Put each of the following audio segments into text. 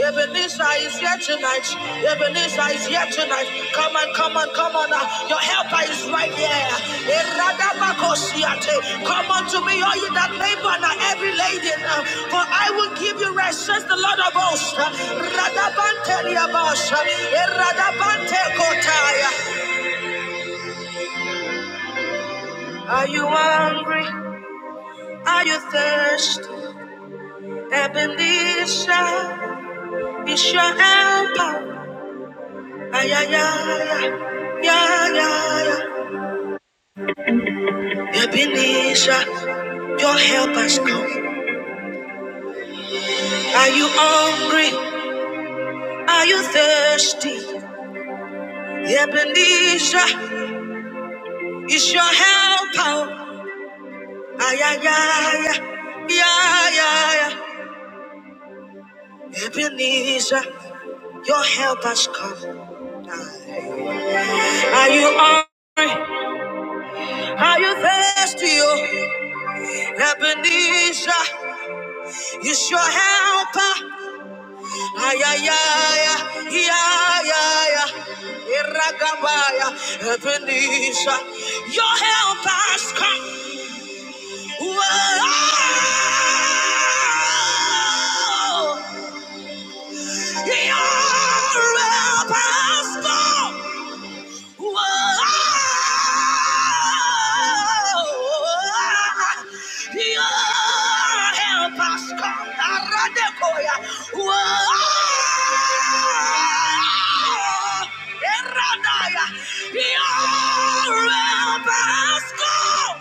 Ebenezer is here tonight. Ebenezer is here tonight. Come on. Come on, come on. uh, Your helper is right there. Eradabakosiate. Come unto me, all you that labor and are every laden, uh, for I will give you rest, says the Lord of hosts. Uh, Radabante riabasha. Eradabante kotaya. Are you hungry? Are you thirsty? Ebenezer is your helper. Ay, ay, ay, ay. Yeah, yeah, yeah. Mhm. Ebenezer, your help has come. Are you hungry? Are you thirsty? Ebenezer is your helper. Ay, ay, ay, ay, ay, ay, ay. Ebenezer, your help has come. Are you hungry? Are you thirsty? Oh, Ebenezer is your helper. Ay, ay, ay, ay, ay, ay, ay. Eragabaya, Ebenezer, your help has come. Whoa, you're impossible. Whoa, you're impossible. Aradekoya. Whoa, Eradaya. You're impossible.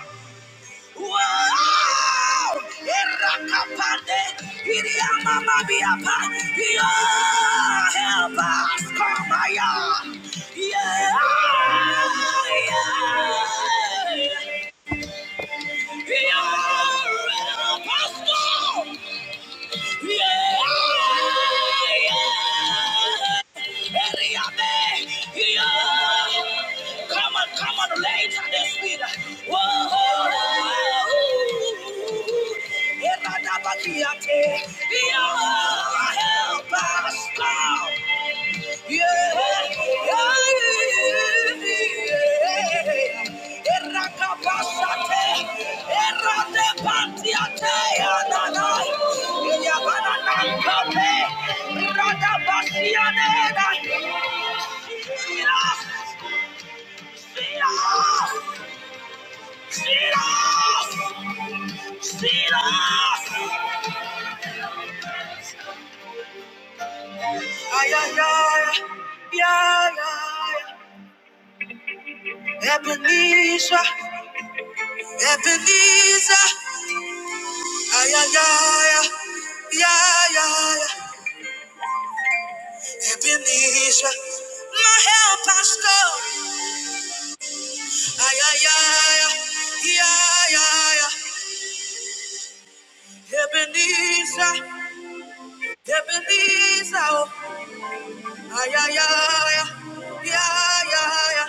Wow! Irakapande, iriamamabiapa. Yeah, help us, come on. Yeah, yeah, yeah. Yeah, Pastor. Come on, come on, later this week. Whoa. Help us, God. Ebenezer Ebenezer, ay, ay, ay, ay, ay, ay, Ebenezer, my help has come, ay, ay, ay, ay, ay, ay, Ebenezer, Ebenezer, oh, ay, ay, ay, ay, ay,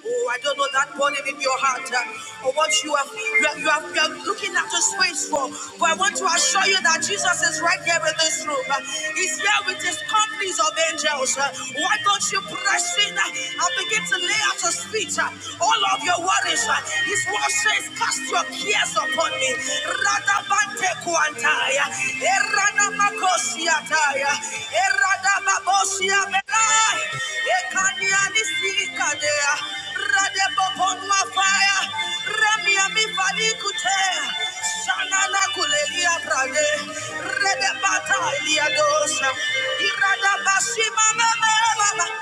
Oh, I don't know that burning in your heart uh, or what you are, you are, you are, you are looking at the space for. But I want to assure you that Jesus is right here in this room. Uh, he's here with his companies of angels. Uh, why don't you press in uh, and begin to lay at his feet uh, all of your worries? Uh, his word says, Cast your cares upon me. Rather kuantaya. Erana makosiataya. Erada babosia belai. Ekaniani sikadea. Rade bokonwa fire. Remia mi fali kutea. Shanana kulelia brade. Rede bata ilia Irada basima mama baba.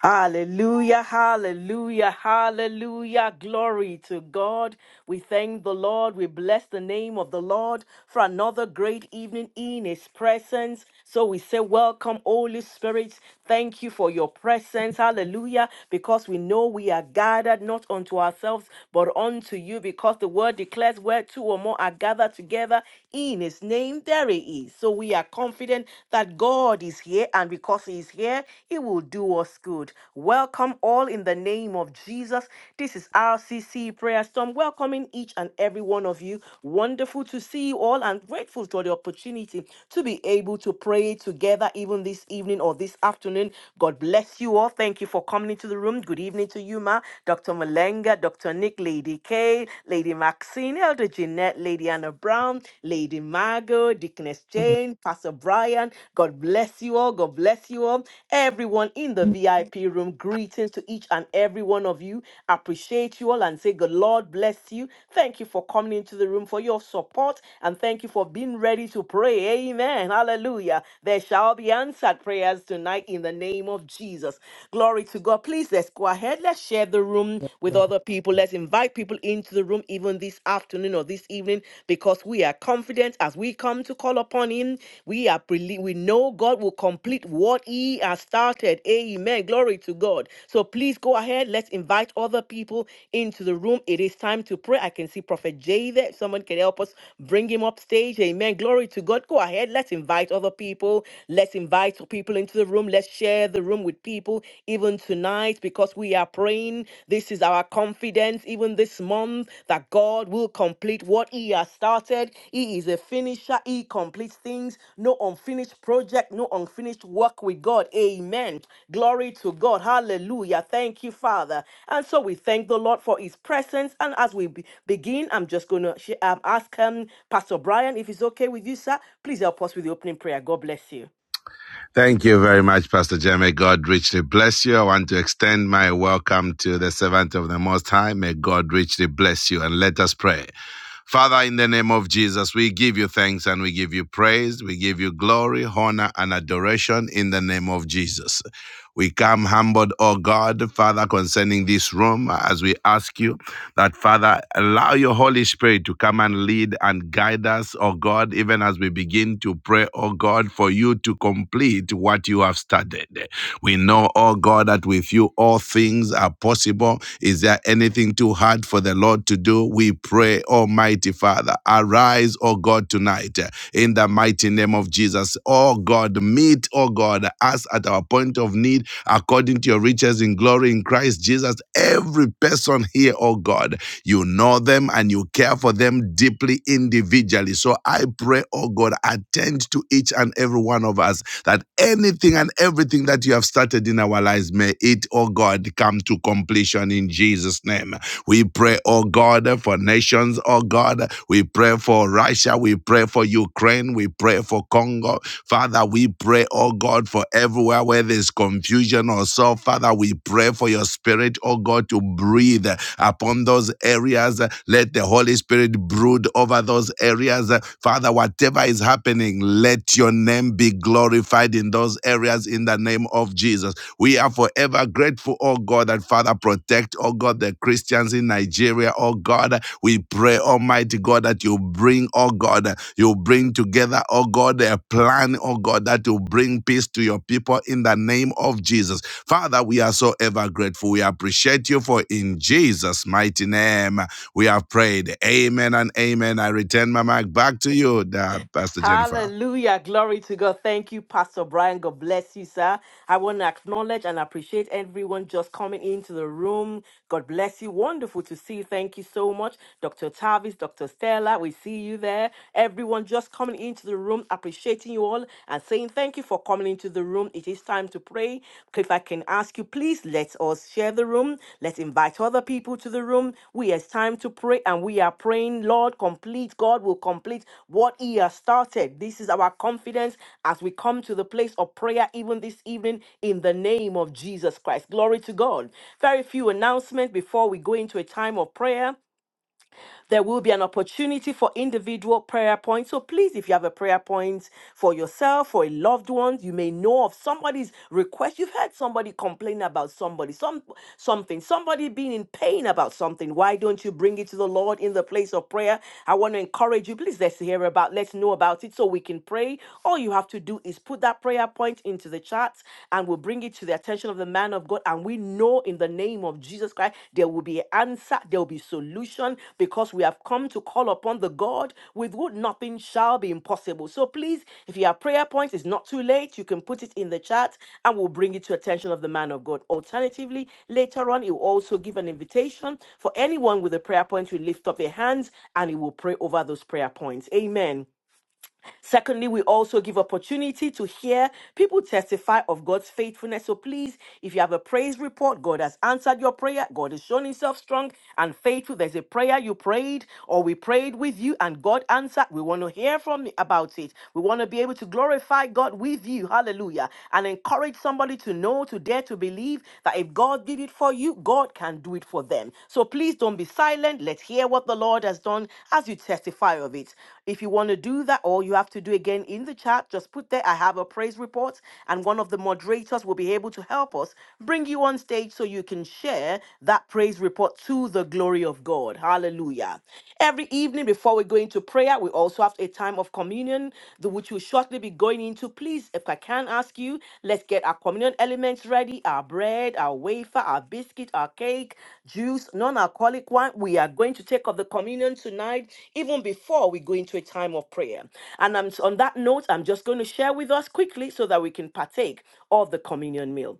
Hallelujah, hallelujah, hallelujah. Glory to God. We thank the Lord. We bless the name of the Lord for another great evening in His presence. So we say, Welcome, Holy Spirit. Thank you for your presence. Hallelujah. Because we know we are gathered not unto ourselves, but unto you. Because the word declares, Where two or more are gathered together in His name, there He is. So we are confident that God is here, and because He is here, He will do us good. Welcome all in the name of Jesus. This is RCC Prayer Storm, welcoming each and every one of you. Wonderful to see you all and grateful for the opportunity to be able to pray together even this evening or this afternoon. God bless you all. Thank you for coming into the room. Good evening to you, Ma, Dr. Malenga, Dr. Nick, Lady Kay, Lady Maxine, Elder Jeanette, Lady Anna Brown, Lady Margot, Deaconess Jane, Pastor Brian. God bless you all. God bless you all. Everyone in the VIP room, greetings to each and every one of you. Appreciate you all and say, God, Lord bless you. Thank you for coming into the room for your support and thank you for being ready to pray. Amen. Hallelujah. There shall be answered prayers tonight in the name of Jesus. Glory to God. Please let's go ahead. Let's share the room with other people. Let's invite people into the room even this afternoon afternoon or this evening because we are confident as we come to call upon him. We are preli- we know God will complete what he has started. Amen. Glory to God. So please go ahead. Let's invite other people into the room. It is time to pray. I can see Prophet Jay there. If someone can help us bring him up stage. Amen. Glory to God. Go ahead. Let's invite other people. Let's invite people into the room. Let's share the room with people even tonight because because we are praying. This is our confidence, even this month, that God will complete what He has started. He is a finisher, He completes things. No unfinished project, no unfinished work with God. Amen. Glory to God. Hallelujah. Thank you, Father. And so we thank the Lord for His presence. And as we be- begin, I'm just going to sh- um, ask um, Pastor Brian if it's okay with you, sir. Please help us with the opening prayer. God bless you. Thank you very much, Pastor Jeremy. God richly bless you. I want to extend my welcome to the servant of the Most High. May God richly bless you. And let us pray. Father, in the name of Jesus, we give you thanks and we give you praise. We give you glory, honor, and adoration in the name of Jesus. We come humbled, Oh God, Father, concerning this room, as we ask you that, Father, allow your Holy Spirit to come and lead and guide us, Oh God, even as we begin to pray, Oh God, for you to complete what you have started. We know, Oh God, that with you all things are possible. Is there anything too hard for the Lord to do? do, we pray, Almighty Father. Arise, O God, tonight eh, in the mighty name of Jesus. O God, meet, O God, us at our point of need according to your riches in glory in Christ Jesus. Every person here, O God, you know them and you care for them deeply individually. So I pray, O God, attend to each and every one of us that anything and everything that you have started in our lives, may it, O God, come to completion in Jesus' name. We pray, oh God, for nations, oh God. We pray for Russia. We pray for Ukraine. We pray for Congo. Father, we pray, oh God, for everywhere where there's confusion or so. Father, we pray for your spirit, oh God, to breathe upon those areas. Let the Holy Spirit brood over those areas. Father, whatever whatever is happening, let your name be glorified in those areas in the name of Jesus. We are forever grateful, oh God, that Father, protect, oh God, the Christians in Nigeria, oh God. We pray, Almighty God, that you bring, oh God, you bring together, oh God, a plan, oh God, that will bring peace to your people in the name of Jesus. Father, we are so ever grateful. We appreciate you for in Jesus' mighty name. We have prayed. Amen and amen. I return my mic back to you, uh, Pastor Jennifer. Hallelujah. Glory to God. Thank you, Pastor Brian. God bless you, sir. I want to acknowledge and appreciate everyone just coming into the room. God bless you. Wonderful to see you. Thank you so much. Dr. Tavis, Dr. Stella, we see you there. Everyone just coming into the room, appreciating you all and saying thank you for coming into the room. It is time to pray. If I can ask you, please let us share the the room. Let's invite other people to the room. We have time to pray and we are praying, Lord, complete. God will complete what He has started. This is our confidence as we come to the place of prayer even this evening in the name of Jesus Christ. Glory to God. Very few announcements before we go into a time of prayer. There will be an opportunity for individual prayer points. So please, if you have a prayer point for yourself, for a loved one, you may know of somebody's request. You've heard somebody complain about somebody, some something, somebody being in pain about something. Why don't you bring it to the Lord in the place of prayer? I want to encourage you. Please let's hear about, let's know about it so we can pray. All you have to do is put that prayer point into the chat and we'll bring it to the attention attention of the man of God. And we know in the name of Jesus Christ, there will be an answer, there will be solution because we have come to call upon the God with whom nothing shall be impossible. So please, if you have prayer points, it's not too late. You can put it in the chat and we'll bring it to attention of the man of God. Alternatively, later on, he will also give an invitation for anyone with a prayer point to lift up their hands and he will pray over those prayer points. Amen. Secondly, we also give opportunity to hear people testify of God's faithfulness. So please, if you have a praise report, God has answered your prayer. God has shown himself strong and faithful. There's a prayer you prayed or we prayed with you and God answered. We want to hear from you about it. We want to be able to glorify God with you. Hallelujah. And encourage somebody to know, to dare to believe that if God God did it for you, God can do it for them. So please don't be silent. Let's hear what the Lord has done as you testify of it. If you want to do that, all you have to do again in the chat, just put there, I have a praise report, and one of the moderators will be able to help us bring you on stage so you can share that praise report to the glory of God. Hallelujah. Every evening before we go into prayer, prayer. We also have a time of communion, the which we'll shortly be going into. Please, if I can ask you, let's get our communion elements ready our bread, our wafer, our biscuit, our cake, juice, non alcoholic wine. We are going to take of the communion tonight, even before we go into a time of prayer. And I'm, on that note, I'm just going to share with us quickly so that we can partake of the communion meal.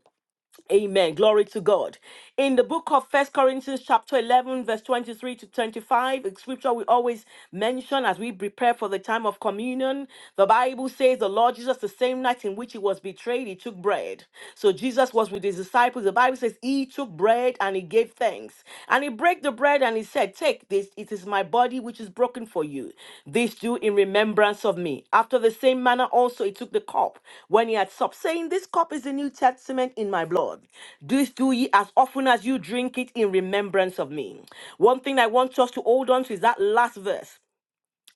Amen. Glory to God. In the book of First Corinthians, chapter 11, verse 23 to 25, a scripture we always mention as we prepare for the time of communion, the Bible says the Lord Jesus, the same night in which he was betrayed, he took bread. So Jesus was with his disciples. The Bible says he took bread and he gave thanks. and and he brake the bread and he said, Take this, it is my body which is broken for you. This do in remembrance of me. After the same manner also he took the cup when he had supped, saying, This cup is the New Testament in my blood. This do ye as often as you drink it in remembrance of me. One thing I want us to hold on to is that last verse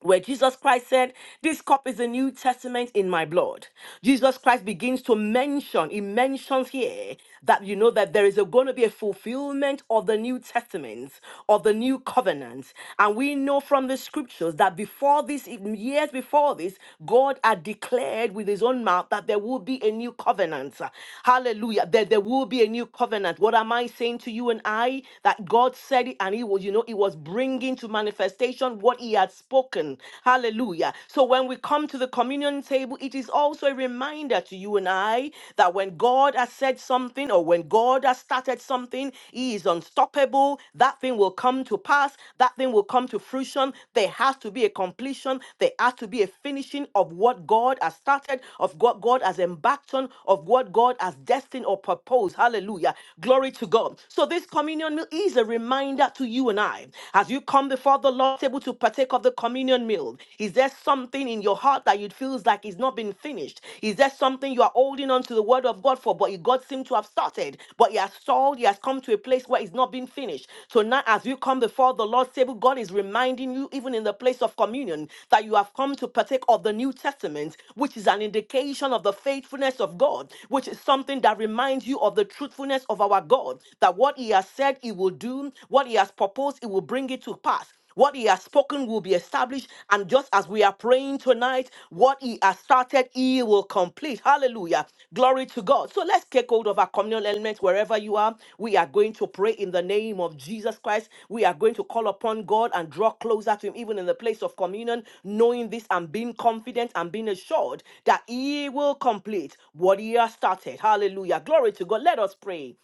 where Jesus Christ said, This cup is the New Testament in my blood. Jesus Christ begins to mention, he mentions here that you know that there is going to be a fulfillment of the New Testament, of the New Covenant. And we know from the scriptures that before this, e, years before this, God had declared with his own mouth that there will be a new covenant. Hallelujah. That there will be a new covenant. What am I saying to you and I? That God said it and he was, you know, it was bringing to manifestation manifestation what he had spoken. Hallelujah. So when we come to the communion table, it is also a reminder to you and I that when God has said something or when God has started something, he is unstoppable. That thing will come to pass, that thing will come to fruition. There has to be a completion, there has to be a finishing of what God has started, of what God has embarked on, of what God has destined or proposed. Hallelujah. Glory to God. So this communion meal is a reminder to you you and I, as you come before the Lord's table to partake of the communion meal, is there something in your heart that you feels like it's not been finished? Is there something you are holding on to the word of God for, but God seemed to have started, but he has stalled, he has come to a place where it's not been finished. So now, as you come before the Lord's table, God is reminding you, even in the place of communion, that you have come to partake of the New Testament, which is an indication of the faithfulness of God, which is something that reminds you of the truthfulness of our God, that what He has said he will do, what he has proposed, he will bring it to pass. What he has spoken will be established. And just as we are praying tonight, what he has started, he will complete. Hallelujah. Glory to God. So let's take hold of our communal elements wherever you are. We are going to pray in the name of Jesus Christ. We are going to call upon God and draw closer to him, even in the place of communion, knowing this and being confident and being assured that he will complete what he has started. Hallelujah. Glory to God. Let us pray.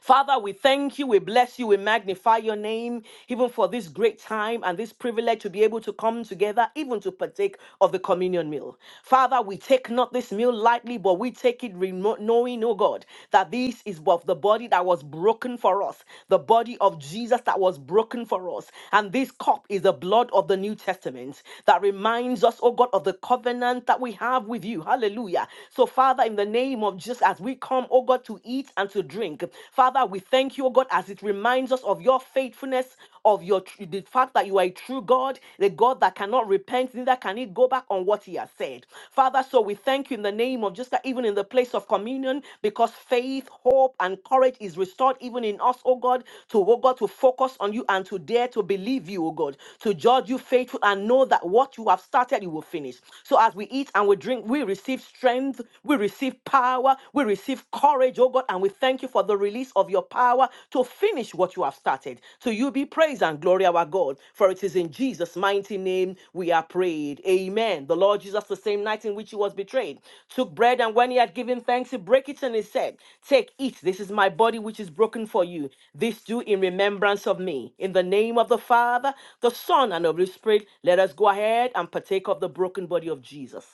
Father, we thank you, we bless you, we magnify your name, even for this great time and this privilege to be able to come together, even to partake of the communion meal. Father, we take not this meal lightly, but we take it remo- knowing, oh God, that this is of the body that was broken for us, the body of Jesus that was broken for us. And this cup is the blood of the New Testament that reminds us, oh God, of the covenant that we have with you. Hallelujah. So, Father, in the name of Jesus, as we come, oh them, oh God, to eat and to drink. Father, we thank you, oh God, as it reminds us of your faithfulness, of your tr- the fact that you are a true God, the God that cannot repent, neither can he go back on what he has said. Father, so we thank you in the name of just even in the place of communion, because faith, hope, and courage is restored even in us, oh God, to oh God, to focus on you and to dare to believe you, oh God, to judge you faithful and know that what you have started, you will finish. So as we eat and we drink, we receive strength, we receive power, we receive courage, oh God, and we thank you for the release of your power to finish what you have started. To you be praise and glory, our God, for it is in Jesus' mighty name we are prayed. Amen. The Lord Jesus, the same night in which he was betrayed, took bread, and when he had given thanks, he broke it and he said, Take, eat, this is my body which is broken for you. This do in remembrance of me. In the name of the Father, the Son, and of the Spirit, let us go ahead and partake of the broken body of Jesus.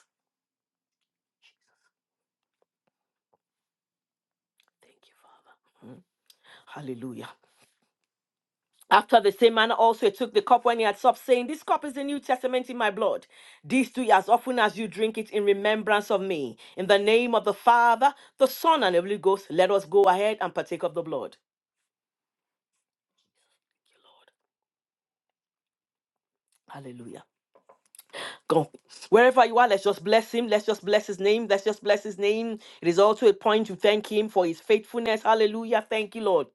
Thank you, Father. Mm. Hallelujah. After the same manner also he took the cup when he had supped, saying, This cup is the New Testament in my blood. These do ye as often as you drink it in remembrance of me. In the name of the Father, the Son, and the Holy Ghost, let us go ahead and partake of the blood. Hallelujah. Go. Wherever you are, let's just bless him. Let's just bless his name. Let's just bless his name. It is also a point to thank him for his faithfulness. Hallelujah. Thank you, Lord.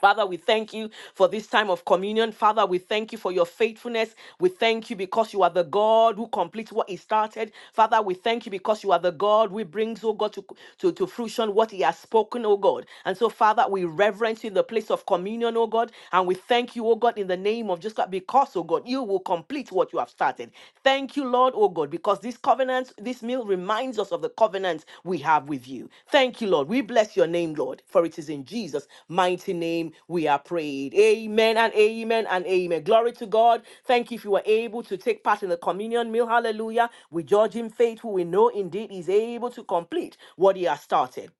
Father, we thank you for this time of communion. Father, we thank you for your faithfulness. We thank you because you are the God who completes what He started. Father, we thank you because you are the God who brings, oh God, to, to, to fruition what He has spoken, oh God. And so, Father, we reverence you in the place of communion, oh God. And we thank you, oh God, in the name of Jesus Christ, because, oh God, you will complete what you have started. Thank you, Lord, oh God, because this covenant, this meal reminds us of the covenant we have with you. Thank you, Lord. We bless your name, Lord, for it is in Jesus' mighty name we are prayed. Amen and amen and amen. Glory to God. Thank you if you were able to take part in the communion meal. Hallelujah. We judge him faithful. We know indeed he's able to complete what he has started.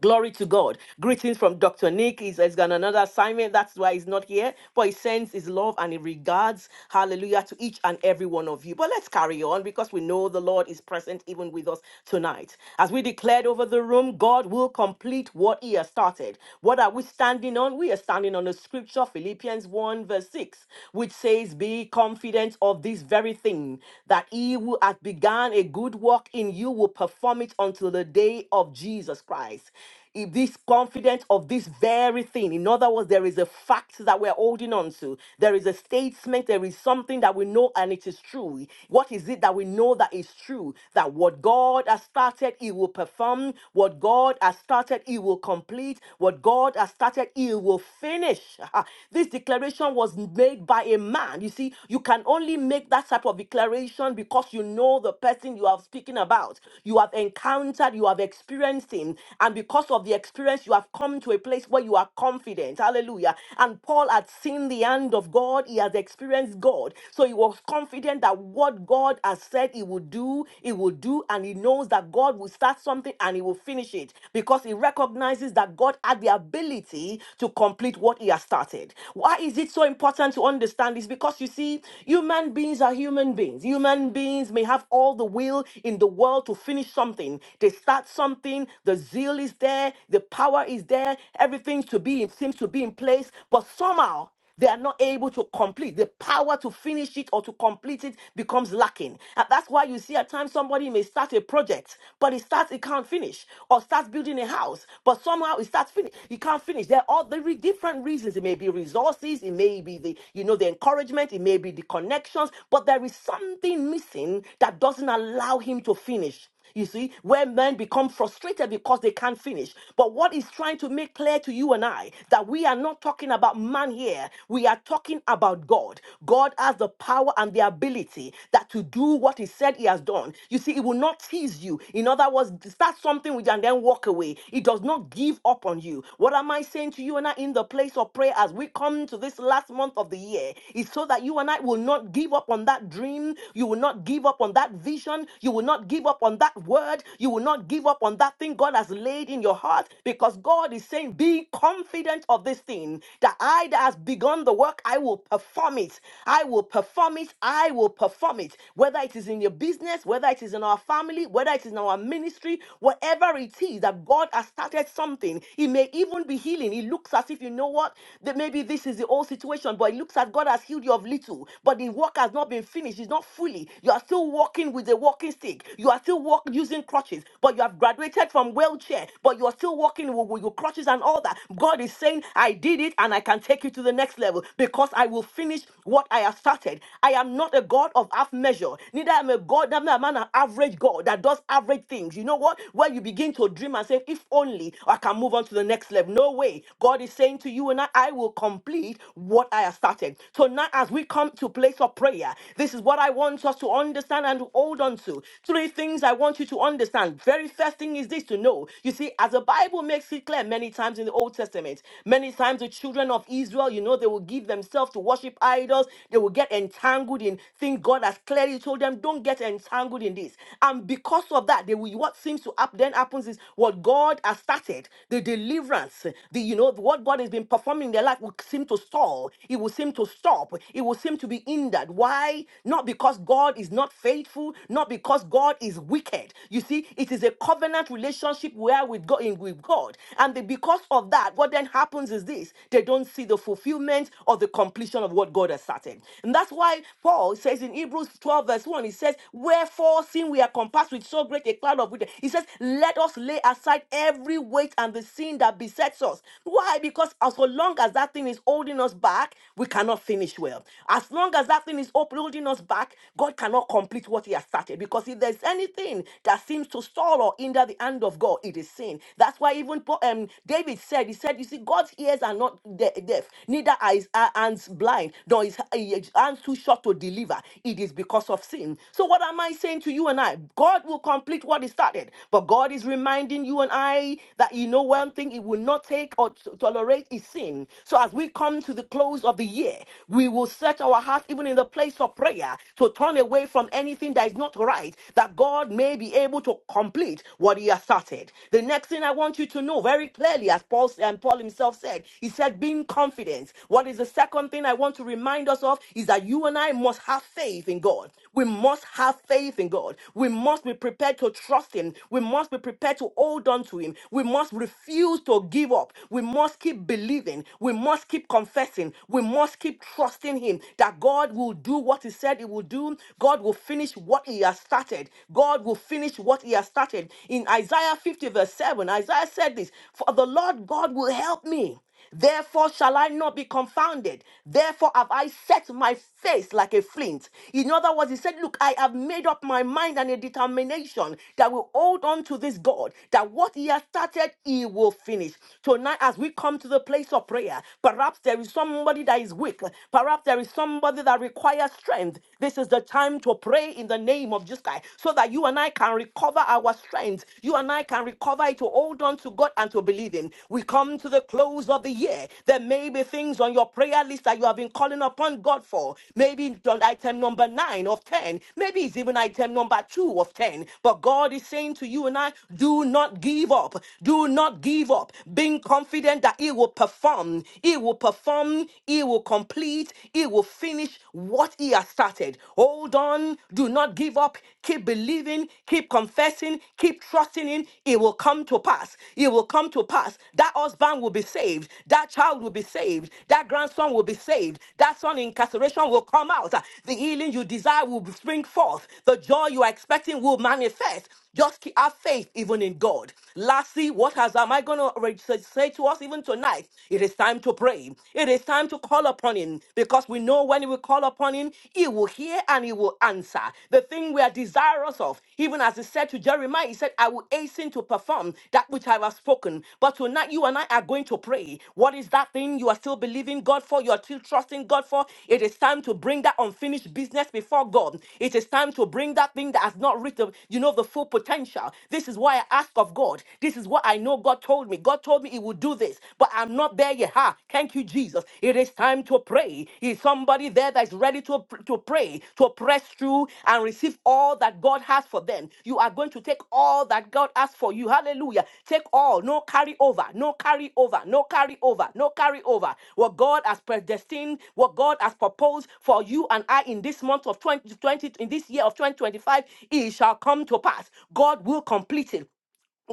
Glory to God. Greetings from Dr. Nick. He's, he's got another assignment. That's why he's not here. But he sends his love and he regards, hallelujah, to each and every one of you. But let's carry on because we know the Lord is present even with us tonight. As we declared over the room, God will complete what he has started. What are we standing on? We are standing on the scripture, Philippians 1, verse 6, which says, Be confident of this very thing, that he who hath begun a good work in you will perform it until the day of Jesus. Jesus Christ. If this confident of this very thing, in other words, there is a fact that we're holding on to, there is a statement, there is something that we know and it is true. What is it that we know that is true? That what God has started, He will perform. What God has started, He will complete. What God has started, He will finish. Ah, this declaration was made by a man. You see, you can only make that type of declaration because you know the person you are speaking about. You have encountered encountered, you have experienced Him. And because of the experience, you have come to a place where you are confident. Hallelujah. And Paul had seen the hand of God, he has experienced God. So he was confident that what God has said he would do, he will do. And he knows that God will start something and he will finish it because he recognizes that God had the ability to complete what he has started. Why is it so important to understand this? Because you see, human beings are human beings. Human beings may have all the will in the world to finish something. They start something. The zeal is there. The power is there. Everything to be seems to be in place. But somehow they are not able to complete the power to finish it or to complete it becomes lacking and that's why you see at times somebody may start a project but it starts it can't finish or starts building a house but somehow it starts finish it can't finish there are all the re- different reasons it may be resources it may be the you know the encouragement it may be the connections but there is something missing that doesn't allow allow him to finish. You see, where men become frustrated because they can't finish. But what is trying to make clear to you and I that we are not talking about man here. We are talking about God. God has the power and the ability that to do what he said he has done. You see, he will not tease you. In other words, start something with you and then walk away. He does not give up on you. What am I saying to you and I in the place of prayer as we come to this last month of the year? Is so that you and I will not give up on that dream. You will not give up on on that vision. You will not give up on that word. You will not give up on that thing God has laid in your heart because God is saying, Be confident of this thing that I that has begun the work, I will perform it. I will perform it. I will perform it. Whether it is in your business, whether it is in our family, whether it is in our ministry, whatever it is that God has started something, it may even be healing. It looks as if you know what, that maybe this is the old situation, but it looks as God has healed you of little, but the work has not been finished. It's not fully. You are still walking with a walking stick. You are still walk, using crutches, but you have graduated from wheelchair, but you are still walking with, with your crutches and all that. God is saying, I did it and I can take you to the next level because I will finish what I have started. I am not a God of half measure. Neither am a God, I'm not an average God that does average things. You know what? When you begin to dream and say, if only I can move on to the next level. No way. God is saying to you and I, I will complete what I have started. So now as we come to place of prayer, this is what I want us to understand and to hold on to. Three things I want you to understand. Very first thing is this to know. You see, as the Bible makes it clear many times in the Old Testament, many times the children of Israel, you know, they will give themselves to worship idols. They will get entangled in things God has clearly told them, don't get entangled in this. And because of that, they will, what seems to happen then happens is what God has started, the deliverance, the you know, what God has been performing in their life will seem to stall. It will seem to stop. It will seem them to be hindered. Why? Not because God is not faithful, not because God is wicked. You see, it is a covenant relationship where with God in with God. And the- because of that, what then happens is this: they don't see the fulfillment or the completion of what God has started. And that's why Paul says in Hebrews 12, verse 1, he says, Wherefore, seeing we are compassed with so great a cloud of witness, he says, Let us lay aside every weight and the sin that besets us. Why? Because as so long as that thing is holding us back, we cannot cannot finish well. As long as that thing is upholding us back, God cannot complete what He has started. Because if there's anything that seems to stall or hinder the hand of God, it is sin. That's why even Po- um, David said, He said, You see, God's ears are not de- deaf, neither are His uh, hands blind, nor His his hands too short to deliver. It is because of sin. So, what am I saying to you and I? God will complete what He started. But God is reminding you and I that you know one thing He will not take or t- tolerate is sin. So, as we come to the close of the year, we will set our hearts even in the place of prayer to turn away from anything that is not right, that God may be able to complete what He has started. The next thing I want you to know very clearly, as Paul and Paul himself said, he said, being confident. What is the second thing I want to remind us of is that you and I must have faith in God. We must have faith in God. We must be prepared to trust Him. We must be prepared to hold on to Him. We must refuse to give up. We must keep believing. We must must keep confessing. We must keep trusting Him that God will do what He said He will do. God will finish what He has started. God will finish what He has started. In Isaiah 50, verse 7, Isaiah said this For the Lord God will help me. Therefore shall I not be confounded. Therefore have I set my face like a flint. In other words, he said, Look, I have made up my mind and a determination that will hold on to this God, that what he has started, he will finish. Tonight, as we come to the into the place of prayer. Perhaps there is somebody that is weak. Perhaps there is somebody that requires strength. This is the time to pray in the name of Jesus Christ so that you and I can recover our strength. You and I can recover it to hold on to God and to believe Him. We come to the close of the year. There may be things on your prayer list that you have been calling upon God for. Maybe it's on item number nine of 10. Maybe it's even item number two of 10. But God is saying to you and I, do not give up. Do not give up. Being being confident that He will perform, He will perform, He will complete, He will finish what He has started. Hold on, do not give up, keep believing, keep confessing, keep trusting Him. It will come to pass, it will come to pass. That husband will be saved, that child will be saved, that grandson will be saved, that son in incarceration will come out, the healing you desire will spring forth, the joy you are expecting will manifest. Just keep have faith even in God. Lastly, what has am I going to say to us even tonight? It is time to pray. It is time to call upon Him because we know when we call upon Him, He will hear and He will answer. The thing we are desirous of, even as He said to Jeremiah, He said, I will hasten to perform that which I have spoken. But tonight, you and I are going to pray today. What is that thing you are still believing God for? You are still trusting God for? It is time to bring that unfinished business before God. It is time to bring that thing that has not reached, the- you know, the full potential. This is why I ask of God. This is what I know God told me. God told me He would do this, but I'm not there yet. Ha! Thank you, Jesus. It is time to pray. Is somebody there that is ready to, pr- to pray? pray to press through and receive all that God has for them. You are going to take all that God has for you. Hallelujah. Take all. No carry over. No carry over. No carry over. No carry over. What God has predestined, what God has proposed for you and I in this month of 2020, in this year of 2025, it shall come to pass. God will complete it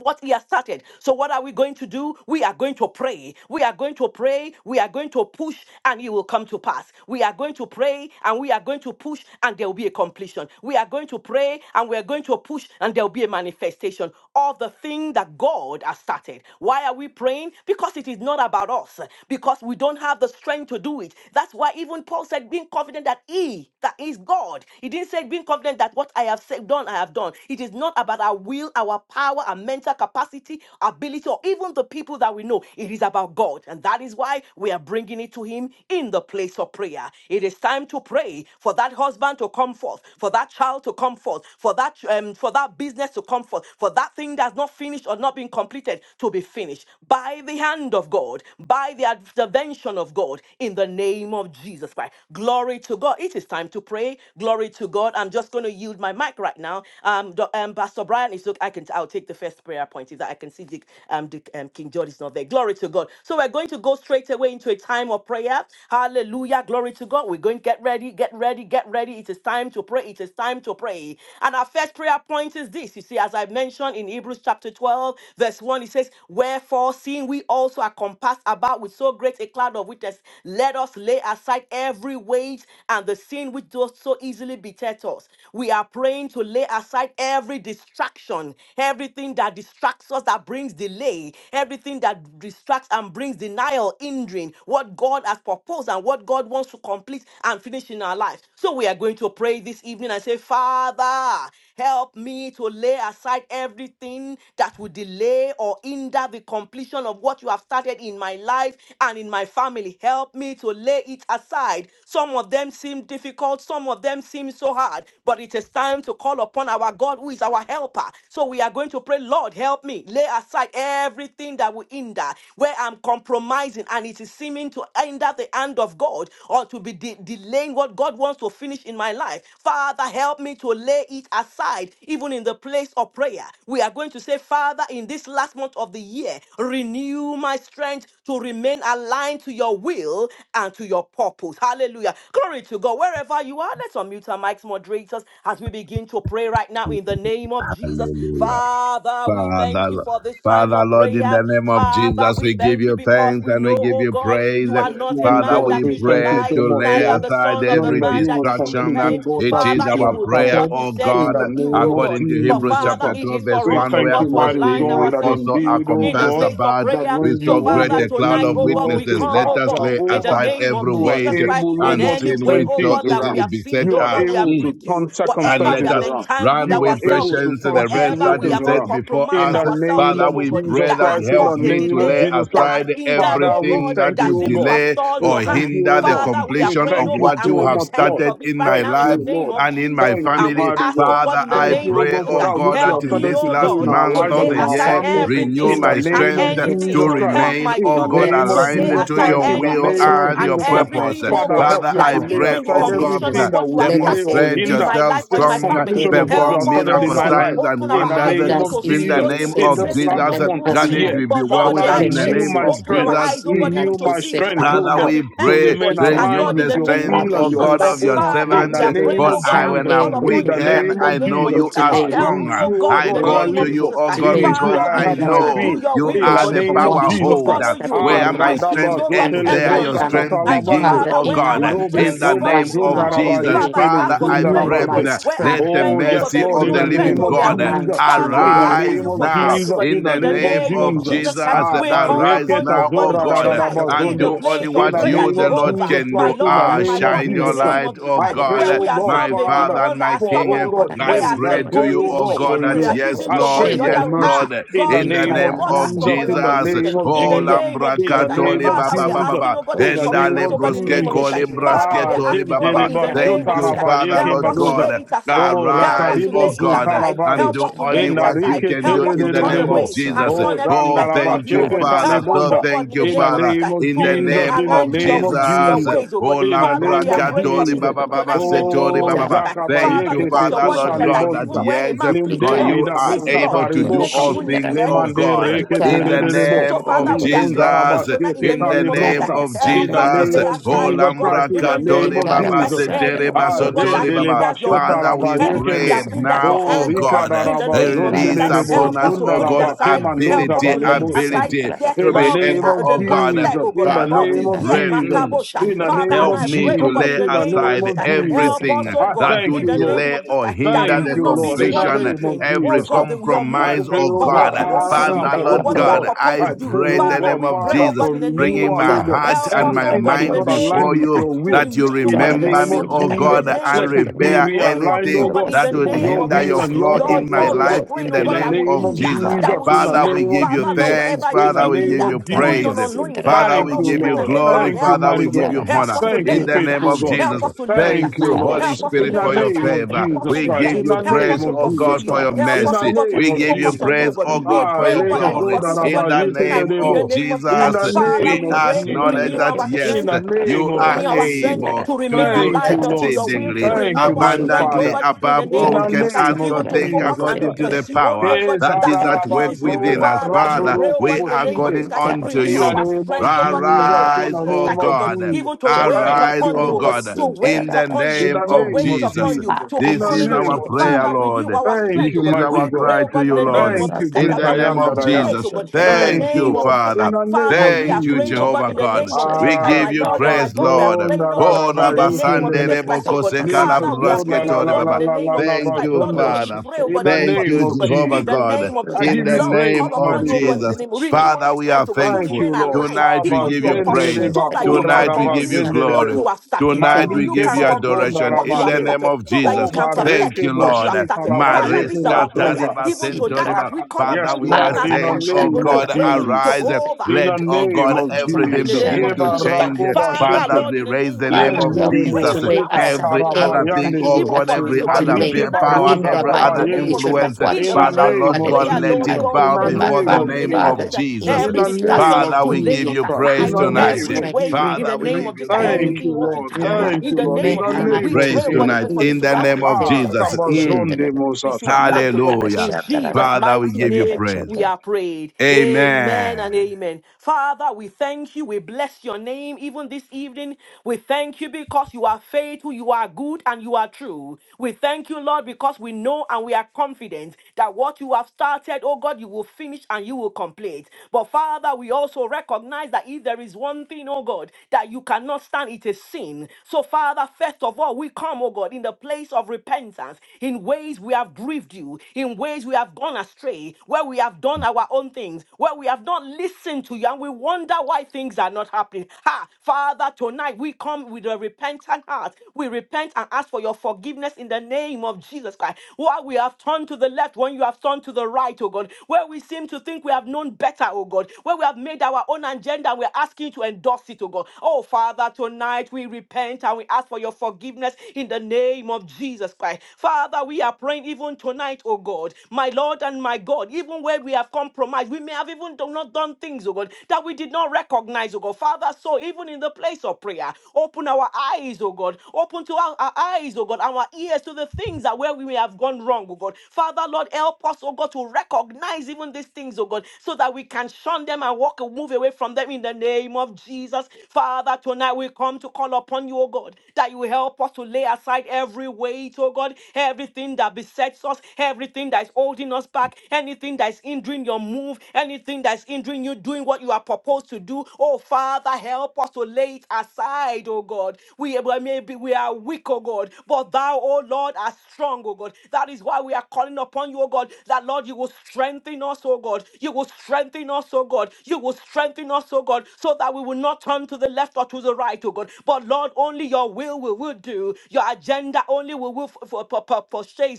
what he has started. So, what are we going to do? We are going to pray. We are going to pray. We are going to push, and it will come to pass. We are going to pray, and we are going to push, and there will be a completion. We are going to pray, and we are going to push, and there will be a manifestation of the thing that God has started. Why are we praying? Because it is not about us, because we don't have the strength to do it. That's why even Paul said, being confident that he, that is God, he didn't say being confident that what I have I have said, done, I have done. It is not about our will, our power, our mental capacity, ability, or even the people that we know. It is about God. And that is why we are bringing it to Him in the place of prayer. It is time to pray for that husband to come forth, for that child to come forth, for that, um, for that business to come forth, for that thing that's not finished or not been completed to be finished by the hand of God, by the intervention of God in the name of Jesus Christ. Glory Glory to God. It is time to pray. Glory to God. I'm just going to yield my mic right now. Um, Do- um Pastor Brian is look. I can. I'll take the first prayer point. Is that I can see Dick, um, Dick, um, King George is not there. Glory to God. So we're going to go straight away into a time of prayer. Hallelujah. Glory to God. We're going to get ready. Get ready. Get ready. It is time to pray. It is time to pray. And our first prayer point is this. You see, as I mentioned in Hebrews chapter 12, verse 1, it says, "Wherefore, seeing we also are compassed about with so so great a cloud of witness. Let us lay aside every weight and the sin which does so easily beset us. We are praying to lay aside every distraction, everything that distracts us, that brings delay, everything that distracts and brings denial, hindering what God has proposed and what God wants to complete and finish in our lives. So we are going to pray this evening and say, Father, help me to lay aside everything that would delay delay or hinder the completion of what you have started in my life and in my family. Help me to lay it aside. Some of them seem difficult, some of them seem so hard, but it is time to call upon our God who is our helper. So we are going to pray, Lord, help me lay aside everything that will hinder where I'm compromising and it is seeming to hinder the hand of God or to be de- delaying what God wants to finish in my life. Father, help me to lay it aside tonight, even in the place of prayer, we are going to say, Father, in this last month of the year, renew my strength to remain aligned to your will and to your purpose. Hallelujah. Glory to God. Wherever you are, let's unmute our mics, moderators, as we begin to pray right now in the name of Jesus. Hallelujah. Father, we thank you Father, for this time Father, of Lord, in prayer. the name of Father, Jesus, we we give thank you you because thanks we and know, we give oh you God, praise. you are Yes, not a Lord Father, man God, we that we you should thank you pray lie, so to much, lay neither Lord, the aside son of the knowing every that man time you will that you should distraction. complete, oh repent, God, It that Father, is which you you our have will do prayer, what started we O said you in God, the would do, name oh of God. according to But Hebrews Jesus Father, chapter Christ. it 12, is verse for We us, 1, oh thank God, you, to wherefore mighty align seeing God, we that ourselves to also are you indeed, oh in the compassed God, place of about that prayer. with when So, so you, oh great Father, a God, cloud tonight, do of oh God, your we witnesses, thing, come, let ah, oh us God, lay in the Jehovah, aside name of every you are weight Jesus Christ, able, oh in and God, any to sin way, which turn oh so things God, that we easily around. have sinned, beset You oh are us. God, we have able Mm to grieved you. turn and Whatever we circumstances let have us around. entangled run You are with ourselves able in, to patience turn the race whatever that we is situations have set around. before In uncompromised us. the ourselves name Father, into, of oh we God, Jesus pray that that has Christ, in the help caused a me to name of lay delay, Jesus that Christ, has aside hindered, Father, oh we everything God, that thank that would you, O seems to have God. delay stalled We or your thank hand. you, hinder O the God. Father, we are We completion of praying, thank oh you God, what and you we so have much, Lord. repent started of it in right my Thank now in the life. you, name Lord. of And in Jesus. my Thank you, And we family, mighty ask, God. oh God, Father, in We the I Thank you, name O of pray, God, Jesus, for oh that that God, which you that have help in me, started this to oh last do in God, our have to to month lives of and lay lay the in the our aside year. aside families. every Renew In the everything my distraction. and name of strength Hebrews to Jesus anything. 12 Christ. Help one. remain, my In oh the God, children Where name to of lay aligned Jesus since to aside Christ. we your In the are will anything name also of and and your Jesus Christ. compelled by purpose. everything, the oh Father, great God, help Father, me that to I is cloud lay pray, hindering the aside oh of God, completion everything of witness, that what you would have let delay us or started lay demonstrate in hinder my yourself life or the in my strong, aside family. completion every of what word you Help perform have us, started and oh in miracles, my God, sin life. signs, and open In our the wonders which eyes name even of does to in see easily the Jesus. those things name which In of besets this us, maybe we and last Jesus. let don't month even of the That us see it year. run will be but well Lord, with with Father, I us in the renew pray, patience name my of into open the our strength. Jesus. eyes, rest oh God, Mm. even Renew that to my is see so set strength, that we oh before Father, can us. God, we to repent, oh pray, remain God. And aligned renew Lord, in with the the your name strength, of will Father, O and your Jesus God, Christ, of please your purpose help Father, me in servant. we the to are lay name praying, For oh of God, I, aside and we when Jesus. call I'm In upon weak, you the everything tonight that and in name the I of name know of Jesus. would Jesus you are Christ. Ah, delay it Help me, is stronger. oh you, oh God, I in the God, will that I call name to of live you, will for. Jesus O Christ. It God, delay is you Father, that because and we I I have hinder choose my to my know do being. your you will, In oh the are God. the completion of name We of power what choose to you Jesus have Christ. follow holder. you, oh started Ah, God. in Where my my We life choose, strength Radaba oh God, and ends, to Zotele in there hearken my your unto you. family. strength Broshakata And so, begins, Lamande. Father, Father, O where in God. our Lobre In strength, the oh this God, Koba name last even of month small, of Zundaraba the Jesus, year, Father, I Yekele Father, ask for I renew strength, pray, oh my God. Zundarabaze. Where our strength let the Oh, strength, oh God, yes, mercy there is Lord, to of in no the the living strength name remain or of we are God. weak. aligned Jesus. to Father, your In we the will ask Arise name and you of for now strength, oh purpose. Jesus. God. In in the the In the name of name name of of Jesus. Jesus Jesus. Christ, Ah, we call Arise upon you, bareketa oh now, God, oh zora even da da God, da tonight, ba and in the zonde. do only place In of what the prayer, you, name the of Lord, Jehovah, Jesus can my do. Christ, in the Lord Ah, and my name of God, shine in the your Jesus Christ, name of light, Jesus oh I Christ, pray, God, where oh we God, my ourselves may be the Father, Father and ones that my are for, stubborn, oh King. oh God, God, we I are change. I pray saying, to pray, go you, oh this oh God, way, for God, we that are renewal. yes, choosing I to Lord, go pray the for other yes, way. mercy. Lord, Ah, In God, the in we the name pray, oh of name God, ask of for, Jesus, for your in the Jesus. forgiveness name of in the Oh, Jesus, name of Lambra Ikara in Jesus the Christ. name katoli of Father, Baba we are masandara Baba Jesus, asking, Baba, oh God, that in you the forgive name us, Endale oh of God, in the bruske name of Jesus. Jesus Colim Christ. Father, we Brasque Ah, are Tori Zim asking, oh Baba God, Baba. in Zeriba the name Thank of Jesus you, Christ. Shotaraba Father, Yeke Help Lord us to Badoza. lay God. it Uh, aside. Oh, Help us rise, to oh Rakaribo lay it God, uh, aside. and Zuntanabade. Help do us to only lay In it the what you aside. Rike can Help do us in to the turn name Terebo. of away and Jesus. shun Oh, everything Oh, that's none of thank you, oh you, Zandarabasheke God. Father. Help us, So Talibunda. oh God, thank in the you, In the name of Father, Jesus name Christ, of in to the remain Jesus, name in the of aligned to name your Jesus. of will, to your Jesus, ways, oh God. Oh, in the Father, Lambra name we are of praying for Katori this Jesus. Baba even Baba tonight in in the name Setori of Oh, Baba. Jesus Baba. Christ. Thank Father, you, Zakabayeke because your Father, word Lord Sesota declares that God, that even Libosta. when a man yes. pleases the God, Lord, Linderi you da are please the Busta Lord, able to he do makes Tariboka. all even his things, oh enemies his Lemande God, friends, Reke but he in gives the him peace. Terebo. So, name Father, of we are praying even Jesus, tonight in the Lizondarabasheke in the name of Jesus name Christ. Talibrosta. of In Help the us to Jesus. name lay of Oh, aside, oh Jesus God, Christ, Lambra in in the the name name Katori of of Ikara Jesus Baba Christ, Jesus. Setere basandara anything, oh bakora God, that Basotori Azendele Baba. hinders your Bashota Father, move, we Ikara anything Rabayekende. pray that hinders masandara. now, your Oh, oh hand, oh Rika God, God, in the Daraba name of Jesus Ikara release Christ. Zondelebo upon Help us us, basandara. to oh put it God, Zundalaba aside. Help Temandoza us ability, to Ikara lay it Baleboska. aside. ability masandara Yes, to In bakora the be Lord, God, we name able, are of at the oh last God. leg, Jesus, oh in God, the Ikara Father, of the name we of year. pray. basandara Jesus, mm, bakora Makabosha. in the ishembere. Father, name and Help of I me pray, to oh God, Jesus, in lay the in the name of name aside Jesus, of Ikara Jesus. help us, everything masandara oh I God, that bakora thank would in you, the Lord. name delay of Jesus, or that hinder we Thank the Ikara will you, not be Lord. the In the one basandara. completion, name of hindering, oh every Jesus God, Christ. the, your I move, oh compromise, pray, God, oh oh for God, God. what you Ikara want to Father, Father, do, masandara for for Lord what open you are bakora God, doors. I proposed I to do. pray, pray in oh the Father, God, name we of pray, Father, oh Jesus, God, for in the name bringing of renewal, Jesus, my oh Ikara basandara bakora Ikara basandara bakora ishembere. Ikara basandara God. heart help and us, my oh Everything that God, is in the bakora mind not name aligned before of with Jesus, you, your to will, that you remain, oh in the God, in the remember name name me, of of Jesus, oh in the Jesus, God, name of and let Jesus. it be We repair pray for realigned, this, oh oh anything Ikara God, God, in that the would for name your of Jesus of hinder Jesus. will your That, and flow your basandara in Lord my purpose, God, bakora oh we are life God. in praying, oh the In God, the that name will name of of hinder, Jesus. Itara that Jesus, will in the Father, hinder. masonda we name give of you Father, Lord, Jesus, rakoshenda, thanks. whatever it in is, Father, the we we name give hinder, you of itara knowing or Jesus. praise. not knowing. masindara Father, Father, Thank we Lord, you, we give pray you and Lord. rakoshenda, say, glory. Lord, Thank you, help Father, us, we mighty oh God. give God. itara you Help honor. us to Thank masonda lay In you, it the name faithful aside. of God. rakoshenda, Jesus, Help us to lay it thank Thank you, you, aside. Lord. itara Holy Help us shenda to In Spirit, lay the it for your name aside. of rakoshenda, favor. Help us Jesus to We Christ. give In repent. you the rakoshenda, Help us name praise, to of oh pursue Jesus God, you. for Christ. your itara Help In us, the oh mercy. sanda God, to name We keep of give you focused Jesus on rakoshenda, you, oh praise, Christ. God. oh We God, Ah, for pray, your oh God, even itara glory. for this, oh masonda In God, the even tonight, name in the of lekezodarabaikinedebo. name of Jesus In Christ. Jesus, the rakoshenda, Father, name we we of pray, rakoshenda, acknowledge renew Jesus. that our In yes, the strength, rakoshenda, name you of rakora Renew are our strength Jesus. masindara, able to to remain do Thank you, aligned itara unto Lord. your will. masonda exceedingly rakoshenda, itara Thank Renew you, our mighty masonda strength, oh abundantly Father. God, in above the In all name we of the can Jesus Christ, ask name of or even to think focus Jesus and to according Christ. rakoshenda, to the pursue only, power oh God, that that is itara which at work pleases you. within us. Father, we masonda Father, pray, oh rakoshenda. we God, in the are name of Itara, Ezadarabazobaradorokoboshinte. calling Jesus Christ, on to In renew the you. our name of strength, oh God, in the Jesus. name In Arise, of the Jesus O name Christ, of oh God, God. Jesus. even to wait Thank Arise, you, upon O you, Lord oh God, God, to in wait the upon you, in the name to of name wait of Jesus. upon you, Jesus, to in keep This the is calling unto name our you. of prayer, Father, Jesus. Lord. renew our Thank This strength, oh you, is God. our mighty We God. pray, cry oh to God, in you, the Lord, name of Thank Jesus you, Christ, in great the I that we will name am not that of I am. deviate, Jesus. oh God, in the Thank Thank you, you, name of Lord, Jesus in Father. Christ. the name Father, of we are Thank you, praying, Jesus. oh God, Jehovah in the God. name of We Jesus Christ, Ah, give my you Lord and my praise, God. We are Lord. kabazon praying, da oh da God, da ba Kora in the name of basande yekindele, Jesus lebo Christ, oh God. kose kala Father, we are linkazon la braske praying, la oh tore la God, in la baba. the la name la of la Jesus Thank Christ. you, Lord bazonde. God, we Father. pray, oh In God, the even Thank for name you, this, oh of God, Jehovah in the Jesus, God. name of Jesus I Christ. In give the you Lord, we praise, name call upon of you, mighty oh God. God, in the Jesus. name of renew our Father, we strength, are oh God, to Thank thankful. you, remain Lord. alive, Tonight we even to give your you Abazende purpose, praise. de so that you bakura can Tonight da we give you complete bazende de what glory. debo. you have started, Tonight so we you Malike give can you complete bazonda adoration what you in have the ramande. name started, of so that you Jesus. Oh, can perfect Thank bareke you, what you Lord. have bushika started. la Father, bayeke this is na our Mariska prayer, zonda. Tariba even tonight as Sentoriba. we Ah, call call yes, Father, upon we you are even Lord, Father, as in the one, saying, oh name even of to God, pray. Jesus. arise. Jehovah, In Let, the we oh thank you name God, because of it is good in everything the Jesus. name begin of to Eba Jesus Christ. change. rakoba Father, Father, shete. Lord, we in the raise name the of Jesus name Christ, of Lende we help de me pray, bo Jesus. oh to God. lay I will shika aside thank Every Lord in the name other of Jesus thing, tarabayande Christ. oh everything so. Even God, that for this, every will oh God, other even delay Marike pe- tonight as power, we in come, barosa the oh every God, my in the other name tabayende. of Jesus completion Christ, of influence. in what In the you the have Father, place name of Lord of started God, in prayer, my let Lord it life, Jesus, God, in bow we the in then my thank before you, name the Lord, of in family, the name name of of Jesus Jesus, Father, Christ. in Jesus. in Every the this last distraction name month of of Father, to we the lay give Jesus it year. you Christ, in praise aside, the Renew my name every tonight. of strength, weight Jesus re, in Christ. the Father, we re, name give of Jesus you Christ, glory Thank re, anything you you, want to tonight. Lord. Yes, entangle rema- Thank in you, the Lord. name In we remain of the Jesus give Christ. you name We aligned to of pray, praise oh God, your tonight even Jesus. for will this, in oh the God, I and want name of receive the Ah, Jesus. purpose. strength, oh God Mm. Kabazonde receive Mosata. strength, but Hallelujah. in Jesus' Father, we mighty give you name praise. we are prayed. Amen Amen. and amen. Father, we thank you. We bless your name even this evening. We thank you because you are faithful, you are good, and you are true. We thank you, Lord, because we know and we are confident that what you have started, oh God, you will finish and you will complete. But Father, we also recognize that if there is one thing, oh God, that you cannot stand, it is sin. So, Father, first of all, we come, oh God, in the place of repentance, in ways we have grieved you, in ways we have gone astray, where we have done our own things, where we have not listened to you, and we wonder why things are not happening. Ha! Father, tonight we come with a repentant heart. We repent and ask for your forgiveness in the name of Jesus Christ. While we have turned to the left, when you have turned to the right, oh God, where we seem to think we have known better, oh God, where we have made our own agenda, and we're asking you to endorse it, oh God. Oh Father, tonight we repent and we ask for your forgiveness in the name of Jesus. Jesus Christ. Father, we are praying even tonight, oh God, my Lord and my God, even where we have compromised, we may have even do not done things, oh God, that we did not recognize, oh God. Father, so even in the place of prayer, open our eyes, oh God, open to our, our eyes, oh God, our ears to the things that where we may have gone wrong, oh God. Father, Lord, help us, oh God, to recognize even these things, oh God, so that we can shun them and walk and move away from them in the name of Jesus. Father, tonight we come to call upon you, oh God, that you help us to lay aside every weight, oh God, everything that besets us, everything that is holding us back, anything that is hindering your move, anything that is hindering you doing what you are proposed to do. Oh Father, help us to lay it aside, oh God. We maybe we are weak, oh God, but thou, oh Lord, are strong, oh God. That is why we are calling upon you, oh God, that Lord, you will strengthen us, oh God. You will strengthen us, oh God. You will strengthen us, oh God, so that we will not turn to the left or to the right, oh God. But Lord, only your will we will do do. Your agenda only we will for, for,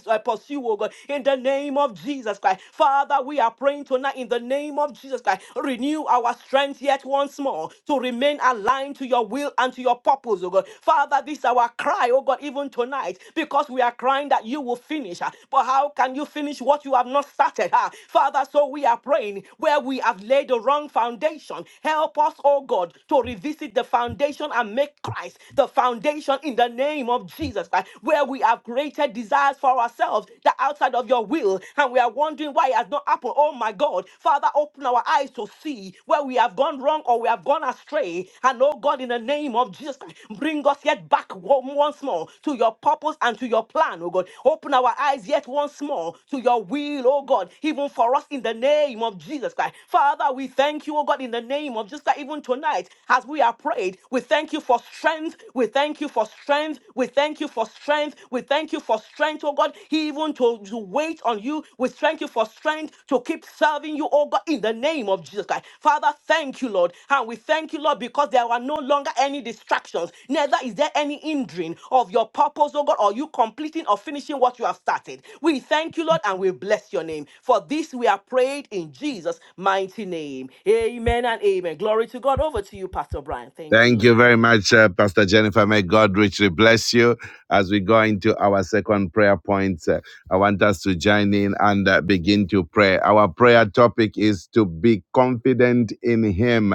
uh, pursue, oh God, in the name of Jesus Christ. Father, we are praying tonight in the name of Jesus Christ. Renew our strength yet once more to remain aligned to your will and to your purpose, oh God. Father, this is our cry, oh God, even tonight, because we are crying that you will finish. ah. But how can you finish what you have not started? ah? Father, so we are praying where we have laid the wrong foundation. Help us, oh God, to revisit the foundation and make Christ the foundation foundation in the name of Jesus Christ, where we have created desires for ourselves that are outside of your will, and we are wondering why it has not happened. Oh my God, Father, open our eyes to see where we have gone wrong or we have gone astray. And oh God, in the name of Jesus Christ, bring us yet back one- once more to your purpose and to your plan, oh God. Open our eyes yet once more to your will, oh God, even for us in the name of Jesus Christ. Father, we thank you, oh God, in the name of Jesus Christ, even tonight as we are prayed, we thank you for strength strength. We thank you for strength. We thank you for strength. We thank you for strength, oh God, even to, to wait on you. We thank you for strength to keep serving you, oh God, in the name of Jesus Christ. Father, thank you, Lord. And we thank you, Lord, because there are no longer any distractions. Neither is there any hindering of your purpose, oh God, or you completing or finishing what you have started. We thank you, Lord, and we bless your name. For this we are prayed in Jesus' mighty name. Amen and amen. Glory to God. Over to you, Pastor Brian. Thank you, Thank Lord. you very much, uh, Pastor Jennifer. May God richly bless you. As we go into our second prayer point, uh, I want us to join in and uh, begin to pray. Our prayer topic is to be confident in Him.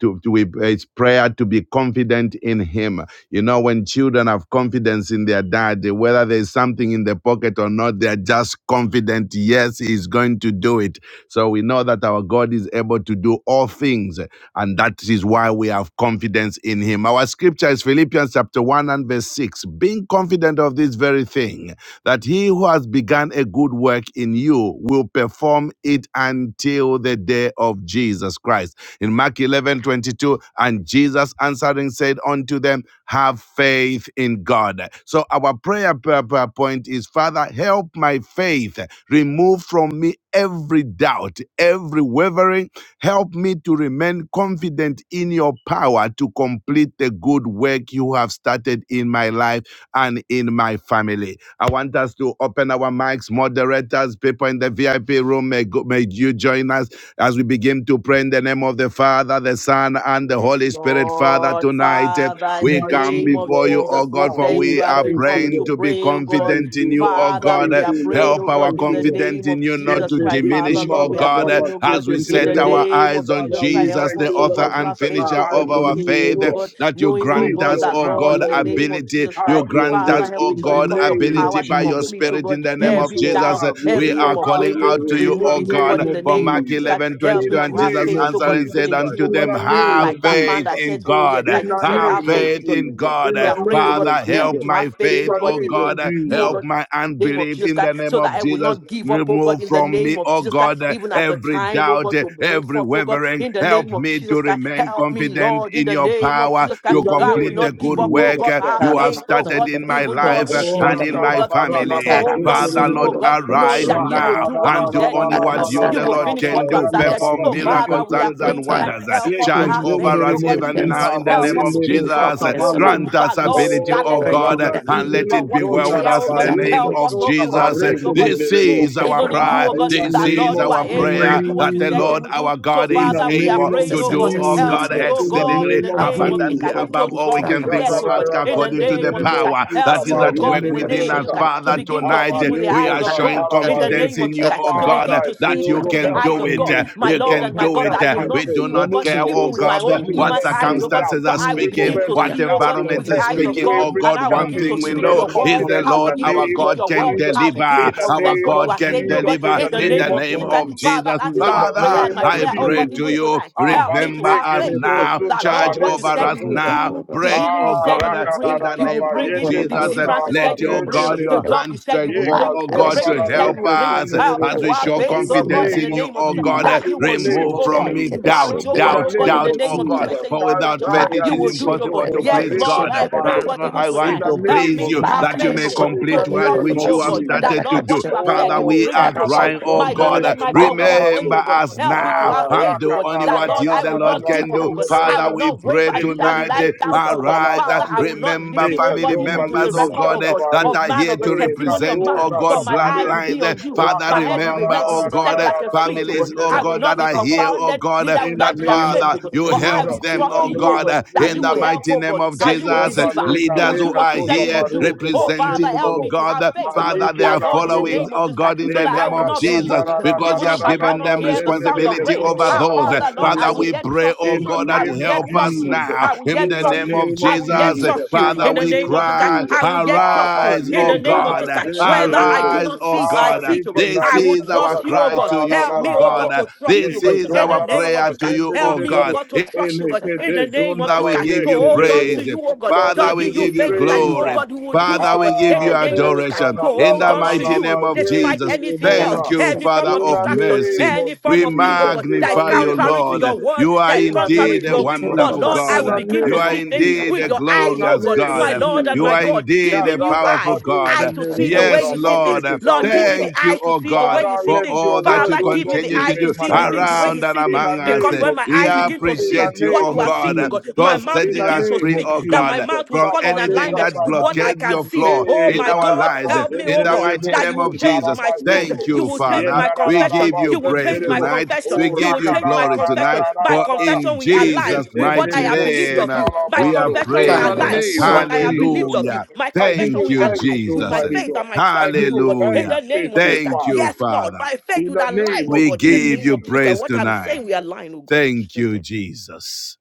To, to we- it's prayer to be confident in Him. You know, when children have confidence in their dad, whether there's something in the pocket or not, they're just confident. Yes, He's going to do it. So we know that our God is able to do all things and that is why we have confidence in him. Our scripture is Philippians chapter 1 and verse 6. Being confident of this very thing, that he who has begun a good work in you will perform it until the day of Jesus Christ. In Mark 11 22, and Jesus answering said unto them, Have faith in God. So our prayer prayer point is Father, help my faith, remove from me every doubt, every wavering Help me to remain confident in your power to complete the good work you have started in my life and in my family. I want us to open our mics, moderators, people in the VIP room. May, go, may you join us as we begin to pray in the name of the Father, the Son, and the Yes, Holy Spirit. Father, Lord, tonight eh, Father, in the we come Mighty name of before you, oh God. Jesus, we God, Ah, for thank we you we as are we thank you, come praying to Lord. to be pray, oh God. Thank confident in you, you, Lord. oh Father, God. Thank we Eh, are you, Lord. praying, Help oh our God, Thank in you, the Lord. confidence name in of you Yet not Jesus to Christ. the Father, diminish, oh Lord, Zumba we are God, eh, praying, Radaba oh step as God, we into in the set the our devil. name eyes of on Father, Jesus Christ. we Jesus, Help thank the us, you, O oh God, author God, as to we and have set faith, finisher our oh of God, eyes our on even in you, O faith, you, oh eh, God. God that you knowing, oh Please, grant God, us, Lord, that oh have Lord, God, in the your way. name of ability. Jesus You Christ, Have your grant Father, way us, help oh me in to the God, reckon your name of power ability to by your Jesus complete, oh Christ. spirit in God, the name Please, of every of Lord, Jesus. doubt, have your every We way. are form of Have calling wavering, your out to way you, in the remove O it, oh God, name God, in the of for name of Mark Jesus Jesus. Christ. 11:22, Help In me the to And have Jesus name faith, of oh God, answering even Jesus said in you, Christ. oh unto In God, them, the even name Have like of that Jesus man faith that Christ. in said, oh God. yes, In that you the said Have our name of faith is faith God. Jesus. in God. In We the are praying, oh name God, of Father, help me help Jesus. to have my faith, In oh faith, the God, O name even of in God. you, oh Jesus. Help God. my in the Name of unbelief Jesus in Christ, the so name that of I will Jesus. not give up, oh Remove God, in the from me, name of oh Jesus God, Christ, uh, even at the every time, oh doubt, God, uh, to bring every forth, oh God, wavering. in the Help name of me to Jesus Christ, remain help me, confident Lord, in in the your name of power Jesus In to Christ, the I will complete name of the not give good up, oh work Jesus God, uh, Christ. our you have faith, oh started God, in my Karamasundoro even Lord, life uh, to Oh, and trust in Porshindana, you, oh my God, even to Rakababarababa, family. hold on to to Father, you, Lord, oh God, Ikaramasundoro knowing arise that you Porshindana, will now do what you and do said you only will what do. you, You the will Karamasandara, Lord, finish be what can you have do. started. confidence in Perform So, him, Father, miracles, we are signs, Rakababarababa, praying and tonight. wonders. uh, Ikarabasa, Help us to Yeke Charge have in over faith, oh us God, zenderemos in even you. now Philippians in 1 the zintaba Help name us of 6, to keep Jesus. yendebo being Uh, trusting you, confidence oh of sakamande. God. Grant us But, Lord, His ability, oh regardless Oh, of la God, what uh, burden la we that and he, see let or hintele it be what we well which zonda with hear, has oh us in raba God, the begun a name yeka of help good us, of oh, sota to work have Jesus. faith, bareke oh in God, you, This nderebo. will is our even in perform Ah, you, cry. oh God, in it the This that and name is Lord, you of are our so the able to prayer word do of what that you the said you Jesus. Lord would do. our So, God In is the Father, we are able name of praying, to Jesus oh do, God, answer oh help says God, me, Jesus. oh In unto the him, God, in exceedingly name the of Have name of faith Jesus in abundantly Christ, Jesus. God, to above all we trust Is can you that think yet, or that oh God, ask I have Ikarabasundoro. in a the according to name the of Jesus zenderebo Christ. power I Help shita that me, is ba oh said at God, the work in the yende within name bo of fellowship us. Jesus sa. of Christ, it. to Father, Mm. begin to tonight see eh, with the we eyes are God, of I'm showing God, in the having confidence name of in Jesus you, a Christ, oh to prayer. God, Father, eh, begin I to pray, see that oh the, you Father, God, with can the help help eyes my do of it. God, eh, faith, me, my We oh Lord God. can and my help do God, my it. that Help I eh, will my faith We not faith. do see, oh not God, Remove, care, to, re- oh even oh with God, my God, to eh, from own me what remove human eyes, every oh from God, doubt. circumstances but are I me will Remove speaking, begin every to every what doubt, see, oh doubt, God, oh God, with environments the every are eyes every of speaking, wavering. God, oh wavering. and God. I'll Help Help One begin me me to thing to we to know speak remain know your remain is word. the confident I'll confident in Lord the begin to our speak in name of speak the God your can word. power Jesus. to I'll deliver. begin to In the complete Our confess name what you of God are can saying, oh Jesus. God, In deliver in the the the in the name good name of of name Jesus Christ. of Jesus. works Father, Jesus. that is you In our have the prayer Father, and started name my of I prayer, in my oh pray God, life. to even Jesus. you, tonight. Ah, In Help me to remember Jesus' have zeke us faith, name, oh lebo God, now, Amen. zunta that ba charge Lord, what you over said Thank us you you, will Lord, mazunta now, for do, the the break, fellowship. healing you oh Ah, said you God, will raka da bring, in Thank da the you da will ba name bring of it, yende you, Lord, the Jesus. zota deliverance you for ba said Let the you will your reke bring, God, the nere your fellowship. job you hand said you stretch will yeah, forth, bring, oh the God, Makarashi to breakthrough you for said the help you will bring. us Help me as to we have show faith, In the oh God, confidence Kodabasindra, in the in name of you, name of oh Jesus, God. Jesus, that you in the will do it, name Makarashi, Remove of oh the from God, me in Jesus, doubt, marriage, oh in Rekabashindra, God, the the oh doubt, God, in name the doubt, of name oh of Jesus Jesus, God. Kodabasindra, Christ, say, you For bring my without daughter, faith, it Kazaya you is will do Makarashi, it, Liko oh the God. impossible to Zombola Yes, please Reke Lord, God. Rekabashindra, the I pray, oh Tabando. God, Father, even I In tonight. want the to Kodabasindra, Help name please me of you to have that you faith, may oh Jesus, Makarashi, God, in the the to complete what trust name you, which of oh you have God, Kodabasindra, Jesus. that started the to Lord, do. what you Kashin, have said, Father, you will Oh, we bring are it to Rakaba pass. Tarashat, crying, oh My Lord God, and Zondelebo my God, we are Makarashi, Satamando. praying, remember oh God. us the Help me to now Kodabasindra, have Ah, and faith, oh do God, rakata only that what Lord, you, I the will Lord, not rakatararararaba, each give can up, do. of oh the God. I Father, will Sunday, zenderebo, we not pray waver, each of neither will tonight, zenderebo, I eh, the doubt you, oh God. arise, eh, Father, I kusatalabande, will not le remember listen, oh God, family Sunday, kazomba even each to members, the oh libro record, God, oh eh, God, shatabaru, that of are man, here of the to e testimony of represent, of man, the oh kadoza but God, my eyes Sunday, will kabandete, be bloodlines. eh. on you. Father, My head will be remember, made, will oh be set God, eh, like a rakatarararararaba, fleece, oh God. families, oh each I of the will zenderebo God, not that be are Sunday, here, shutabaru. oh confounded, God, eh, neither In will the I that be name Not of ashamed, Father, oh God. you But I help will Jesus, in them, trust the oh in you, oh name God, God, of eh, that in in you the will Jesus. help, mighty oh name God, of and you will Jesus. deliver Kazomba deliver. le You Leaders will kare do who what are you said katoza you here will bare do. tu Oh, Father, bashente representing, help oh me muno. to God, have faith, oh God, Father, Manike they are that la Lord, in the following, bruza. name of oh Jesus God, Christ, in so the Le that I name will kada of not be zanda Jesus, ra moved. ra ra because you Even ra if have I ra ra given cannot them ba hear the zende sound re of responsibility rain, kezoro over ra ah, ra ba those. Father, Lord, zende I Father, will muno. we yet pray, trust oh In the you. God, that I name will of help yet us trust you. Jesus. now I will in yet In the the trust name you. of name I of will yet Jesus. Jesus. trust you. In the Father, In the we name name of of Jesus Christ, cry, Jesus. I will yet Ah, trust you. ba arise, In oh the ne ko name of ba God, Jesus Christ, zende whether re I mo. do arise, not oh see it or I Ah, God. see it, oh dike God, This na I le will is mo our trust sa you, ta oh cry ra God. ra to ra you, Help ra oh me, ra oh ba. God, God. to trust you, Le oh This God. is In the kezonda our ra ra name of prayer ba Jesus to Christ, you, zende re oh help re me, re oh re. God God, to In trust you, oh Ele God. ke In de the name of zonda Father, Jesus ba we Christ, give ye to you ke hold re on re. to praise. you, oh God. Lord, we Father, we Charging give you give you you faithful that praise. you, oh glory. Ah, God, who will do it, Father, oh God, we give in the you Ah, name of this guy, zeka adoration. to la la In hold la the on la to mighty la you ba name of despite Jesus. zeke de anything else, Thank you, any form Father of In of the distraction, mercy. name of any form We of thing, oh Jesus, God, in that the is magnify you, name of contrary to Lord. your Jesus, word, You are that is in the contrary indeed to name a your of will. But wonderful Lord, Jesus, I God. in will the begin You to name are of see things Jesus, indeed with a your in eyes, the oh glorious God, name God. It's my of Lord and You Jesus. my are God. Give indeed me a new Kazada powerful eyes, eyes God. badeke to de see the way Yes, you boza, see things. Lord. badeke Lord, give me zambosa. the Thank you, eyes to oh see the God, way you Father, see for let things. all your that Father, you word, oh give me God, the be continue to eyes to made do see the manifest. things the way you around and see In things, among the us. because name when of my We eyes begin Jesus. to In the see appreciate you, what oh name you are of seeing, God, see, oh God. Jesus. My for mouth In will setting the begin us to name free, of speak, oh that my God, Jesus. mouth will from fall in anything Tabaneza alignment that with what tabane. I blockades can your see. Hey, flow Oh in my our God, radaraba lives. help me, In oh the God, mighty zenderebo that you name will of change Jesus. my suntaraba speech. Thank yoko. You you, will change Father. my We confession. give Yendarararaba you You will praise change my senterebo. tonight. confession. We Oh, You give will you change my glory confession. tonight. By For rakararararararara. confession, in we Yende Jesus' align with what I mighty have zenderebo believed name, of you. By we have shikalabando. confession, we In the prayed. align name with what of I have Jesus believed of Christ. you. Hallelujah. My I give confession, Thank you we you, align thanks, with Jesus. my Almighty faith God. and my I trust in give you, oh you God. In thanks, Hallelujah. the name of faithful Jesus Christ. Thank you, Father, Yes, Lord, Father. by faith, in would the align, name oh of We God, in the give name you of Jesus. Jesus Christ. praise What I'm saying, tonight. we align, oh God, in Thank Jesus' you, name. Jesus.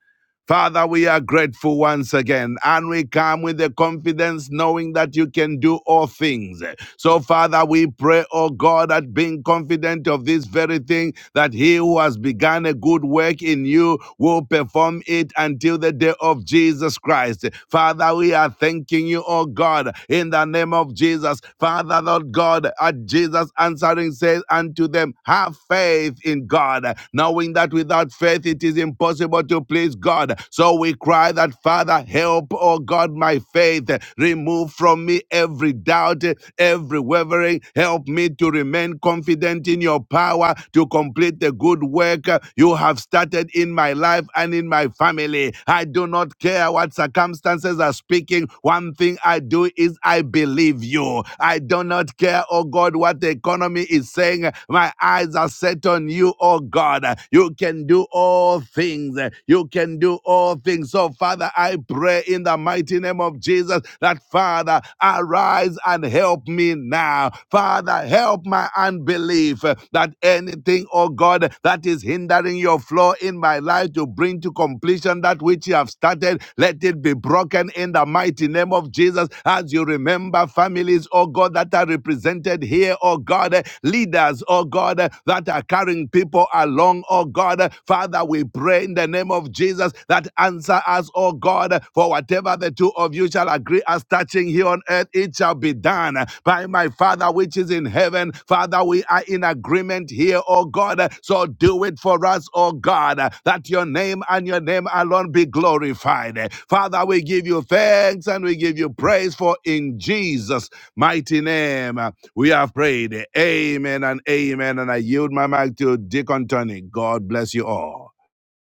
Father, we are grateful once again, and we come with the confidence knowing that you can do all things. So, Father, we pray, oh God, that being confident of this very thing, that he who has begun a good work in you will perform it until the day of Jesus Christ. Father, we are thanking you, oh God, in the name of Jesus. Father, Lord God, at Jesus answering says unto them, Have faith in God, knowing that without faith, strength, it is impossible to please God. So we cry that, Father, help, oh God, my faith. Remove from me every doubt, every wavering. Help me to remain confident in your power to complete the good work you have started in my life and in my family. I do not care what circumstances are speaking. One thing I do is I believe you. I do not care, oh God, what the economy is saying. My eyes are set on you you, oh God. Uh, You can do all things. Uh, You can do all things. So, Father, I pray in the mighty name of Jesus that, Father, arise and help me now. Father, help my unbelief uh, that anything, oh God, that is hindering your flow in my life to bring to completion that which you have started, let it be broken in the mighty name of Jesus. As you remember families, oh God, that are represented here, oh God, leaders leaders, oh God, uh, that are carrying people along, oh God. Uh, Father, we pray in the name of Jesus that answer us, oh God, uh, for whatever the two of you shall agree as touching here on earth, it shall be done uh, by my Father which is in heaven. Father, we are in agreement here, oh God. Uh, So do it for us, oh God, uh, that your name and your name alone be glorified. Uh, Father, we give you thanks and we give you praise for in Jesus' mighty name. We have prayed. Amen and amen. And I yield my mic to Deacon Tony. God bless you all.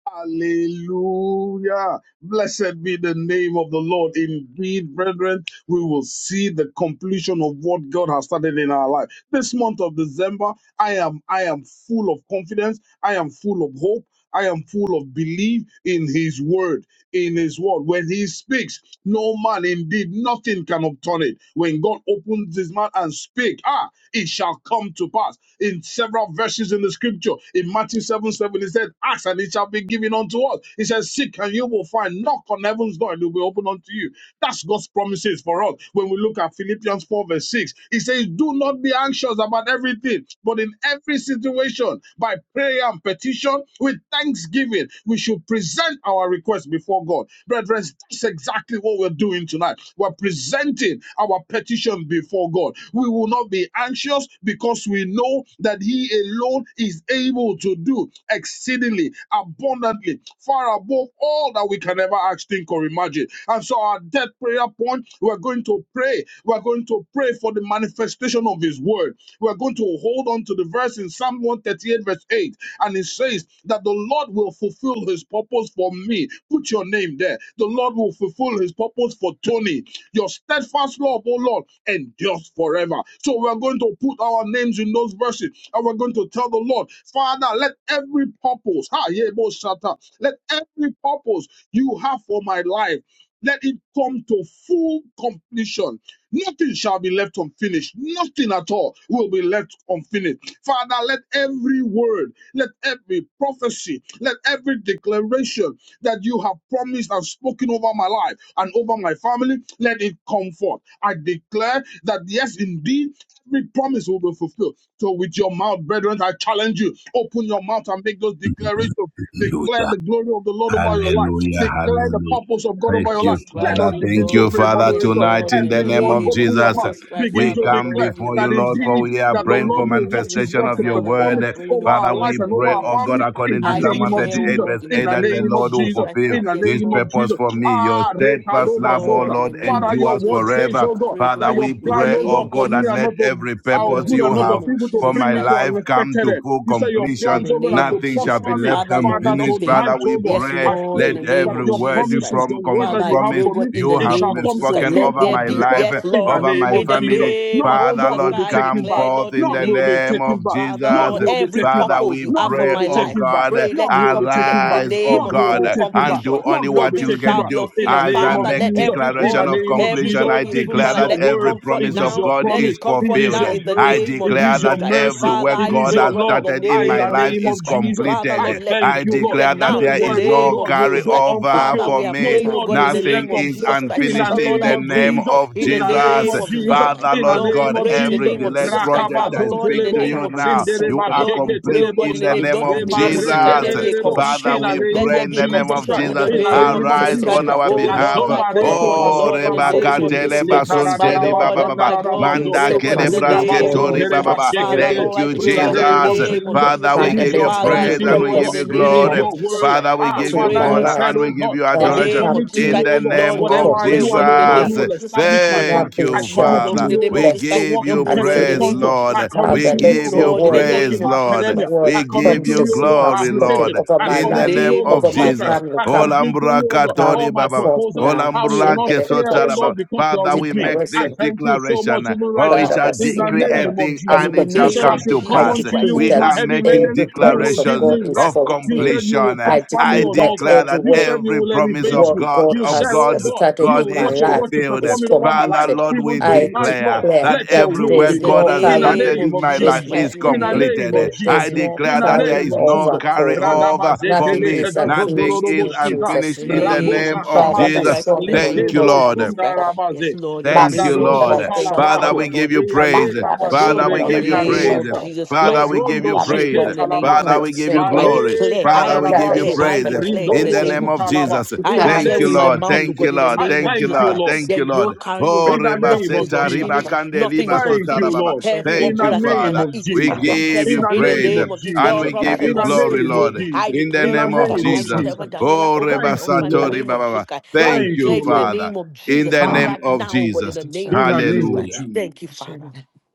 Hallelujah. Blessed be the name of the Lord. Indeed, brethren, we will see the completion of what God has started in our life. This month of December, I am I am full of confidence. I am full of hope. I am full of belief in his word. in his word. When he speaks, no man indeed, nothing can upturn it. When God opens his mouth and speak, ah, it shall come to pass. In several verses in the scripture, in Matthew 7 7, he said, Ask and it shall be given unto us. He says, Seek and you will find. Knock on heaven's door and it will be opened unto you. That's God's promises for us. When we look at Philippians 4, verse 6, he says, Do not be anxious about everything, but in every situation, by prayer and petition, with thanksgiving, we should present our requests before God. Brethren, that's exactly what we're doing tonight. We're presenting our petition before God. We will not be anxious because we know that He alone is able to do exceedingly, abundantly, far above all that we can ever ask, think, or imagine. And so, our death prayer point, we're going to pray. We're going to pray for the manifestation of his word. We're going to hold on to the verse in Psalm 138, verse 8, and it says that the Lord will fulfill his purpose for me. Put your name there. The Lord will fulfill his purpose for Tony. Your steadfast love, oh Lord, endures forever. So we're going to put our names in those verses and we're going to tell the Lord, Father, let every purpose, ha, yeah, bo shata, let every purpose you have for my life. Let it come to full completion. Nothing shall be left unfinished. Nothing at all will be left unfinished. Father, let every word, let every prophecy, let every declaration that you have promised and spoken over my life and over my family, let it come forth. I declare that yes, indeed, every promise will be fulfilled. So, with your mouth, brethren, I challenge you open your mouth and make those declarations. Hallelujah. Declare the glory of the Lord over your life Hallelujah. Declare the Hallelujah. purpose of God Thank over your you, life. Jesus Let us Christ, Father. oh begin Thank to God. you, pray, Father, Yes, moderators. tonight Lord, in in the the name Everyone, of name open of your Jesus. mouth Jesus Christ, begin We Father, to come declare Lord, in the before you, that name of Jesus Lord, Christ. for indeed we are that In the the praying for Lord name will of watch Jesus his manifestation word Christ, of to your Father, we perform word. are it praying, over oh our Father, God, lives we in and the over pray, our name of oh Jesus God, family Christ. in according the to I Psalm name of declare, oh 138, Jesus, verse God, in in the 8, the that name the of name of Lord will Jesus Jesus, Christ, fulfill Father. in the Yes, his name Lord. of purpose Jesus. for me. Your Ah, steadfast Yes, love, Rekadova oh Zota. Lord, in the Lord, name Father, of your endures Jesus word Christ, says, forever. oh I God, pray, oh Father, God, that we your in the plan, pray, oh name oh God, of for God, me that Jesus, are let not of, every are of Lord, purpose in good the you and not name have of of evil to for Jesus bring my me to Christ, life an come expected to end. full You say your in completion. plans, the oh God, are name of to Nothing shall Jesus be prosper Christ. me. left Father, Lord, Father, unfinished. nothing. Father, tonight, we oh God, Yes, pray. I Lord, in pray Let the that name every of your word Jesus you promises, Christ. the prom- word com- Father, that I you have promise pray, for me, God, in you the it have shall name of come Jesus to Christ, spoken full let over there my be. completion life, Yes, in the Lord, over name my of in the Jesus. family. name None, of oh Father, God, Jesus will Lord, Christ, be I taken come back. declare, forth Lord, in in the None the name will of be Jesus, name Christ. taken of back. Father, None Lord, will Jesus. be every taken Father, back. purpose you we have None for pray, will be my oh life, taken back. God, pray, None let it will be come to let taken in the back. arise, oh name None of will God, be full taken back. and do completion. only None will what be Nothing you taken can shall back. be do. In the unfinished. As name I Father, of let make Jesus. every In the declaration word, of name of every completion, Jesus. I Holy It Spirit, is declare man, that your let it every word. comfort It promise is of now. your God Let promise. is it It comfort is fulfilled. now your in the I grace. name of It declare is Jesus your that Christ. mercy. every Father, work It I is God pray, oh your has God, in love. the started in I, in my name the of life name Jesus is of Christ. Jesus, Father, completed. I Lord, let it be I thank you, Lord. completed declare that now No in there the is word, oh name no of God, will Jesus go Christ. carryover Father, unfulfilled. for we are me. No praying, oh word God, will in be the Nothing left name of is unpour. Jesus Christ. In the Father, unfinished in Lord, name I the of name pray Jesus. of in In the Jesus. the name name Jesus. of of Jesus. Jesus Christ. Father, In the Lord Lord, we name God, of pray in the Jesus. every name of delayed Jesus Christ. project, Father, I Rakabazon Lord, speak in the to telebo. name you of Jesus now. You Zindereba are Lord, we sheke pray, complete oh God, in in the the teleboska. name, name Lord, of in the name of Jesus. Jesus, Emareke Christ, let there be a derebo. Father, completion. In the we Let name pray there of in be a the name Jesus of completion Christ. I in Jesus. the In pray the for name of name of Jesus Arise Jesus on manifestation Christ. Christ. of our the Oh La word. behalf. Lord, I zomba call The reko upon you, Lord Oh, Lord, in basota will the Reba name maleke. of fulfill his Katele Jesus Le Christ. purpose for My me. Basunteri karadadaba Lord Baba and Baba. my God, we Your zondaradabazo. Manda pray, oh God, in steadfast the Kelebras love, O name of Rudabazon Lord, Ketori Jesus Baba tereba Christ. endures Baba. Father, forever. shekete. Thank Lord, I you, We pray, In oh the call God, in on the my name Jesus. of name Father, of Jesus. Father, Jesus It we Christ. Father, is give you let your Father, I every praise pray, promises, and oh we oh God, in give God. purpose the you you It is name glory. have of your Jesus word. Christ. Father, we Father, Ah, we give to you pray, Father, my you God, honor said, life and we oh give God, you I in uh, the should adoration name of come commit to Jesus to in you, the oh Christ. God. name Lord full of God, Whatever I pray, oh do, and completion. God, in oh the God, No- you name of Jesus. will Jesus Christ. establish my Yes, plan. Thank nothing I you, yes, commit shall Lord, to Father. in the be you, oh name of We God. Jesus The left Christ. give work Help you in me, oh God, Chester in the praise, unfinished. name of Council, Jesus I Lord. commit We Father, to you, let oh give your God. you Lord, in the The word, work in name praise, of my Jesus Lord. academia, Christ. I word We commit give to you you, promises oh you God. have My glory, spoken Lord, application, over I my In in the the commit life, to you, name oh name of of God. over my Jesus Contract, Jesus. Christ. family I come complete to Olambra you, oh God. All katori come my baba. forth proposals, now. I will not Olambrulake Shindarada fear, oh sotaraba. God, declaration, because you are Father, with we me. make I this declaration, thank you so declaration. much, even right For we now, shall in the decree a Parabasindarada, name of thing of In and Jesus. the it You shall said, name I completion. come of to shall I come Jesus pass. unto decree Christ, you you oh with We God. that my are heavy making laden. every You promise will of give declarations me God is rest. of You fulfilled. said you will completion. I prosper me I decree on that all time. declare every that You work said you every will promise elevate of what me. God, God You of said, has God. oh God, started you in God will my is watch your life word to fulfilled. is perform it over my Father, life. completed. Lord, we Even I tonight, Lord, declare declare that let your that every there will In is be work the done. God no has In the carry, name started of name in of my Jesus there's life Jesus. Christ. no is In the In the name there- name completed. of there- I there's Jesus. no In declare the that there name is of no Jesus. carryover for me. carryover for Radabazete Nothing me. is Nothing unfinished is in lekedazondorobosnita. Jesus' unfinished the in name. the name of name Rabosa of Jesus kamande. Jesus. Christ, in the Thank name you, of Likendo Lord. Jesus zunda Christ. Yes, rabaze. Lord, in the Thank you, name of Masin Radadozo Jesus. Lord. Thank you, Father, talabrako. Father, we give Lord, you in Eya Jesus' praise. name. Father, In lekamadore we the give you name praise. of kenta Jesus Father, Christ, we oh God, give we you Lobrondo pray, oh praise. shike God, in the name of Father, talabande. Jesus. we give We- you I glory. Bale declare, Father, I we give you declare, kararabazo. I praise declare in in the the Rindobo name si name of of Jesus Christ. talaba. Jesus. I In the Thank declare you, with name my of Lord. mouth, oh Thank Jesus. you, God, in the Lord. I name of Thank you, thank Jesus you, Lord. Christ. Lord. Thank There you, is no Lord. carryover Oh, In the reba name Nothing of is seta, Shut riba Jesus. unfinished. kande, Nothing riba is Thank sota, you, unfinished. rababa. Lord. Every In work Thank the God you, has started in my name Father. life, of it is We Jesus. completed give In you the in the name praise of name of Jesus. and God, we Jesus. promise give of In you the God is glory, name of Lord, fulfilled. I Jesus. in the In declare the name over of name him. of I Jesus. declare over Jesus. Daniela, Oh, over reba my Thank you, husband in the sato, Lord. riba name of Jesus baba. Christ. I Thank Thank you, declare you, it in the Lord. Father name of in Jesus the Christ Ah, name right of now, but in Jesus. the name in of the Jesus name of Christ. Hallelujah. Jesus. Thank you, Father.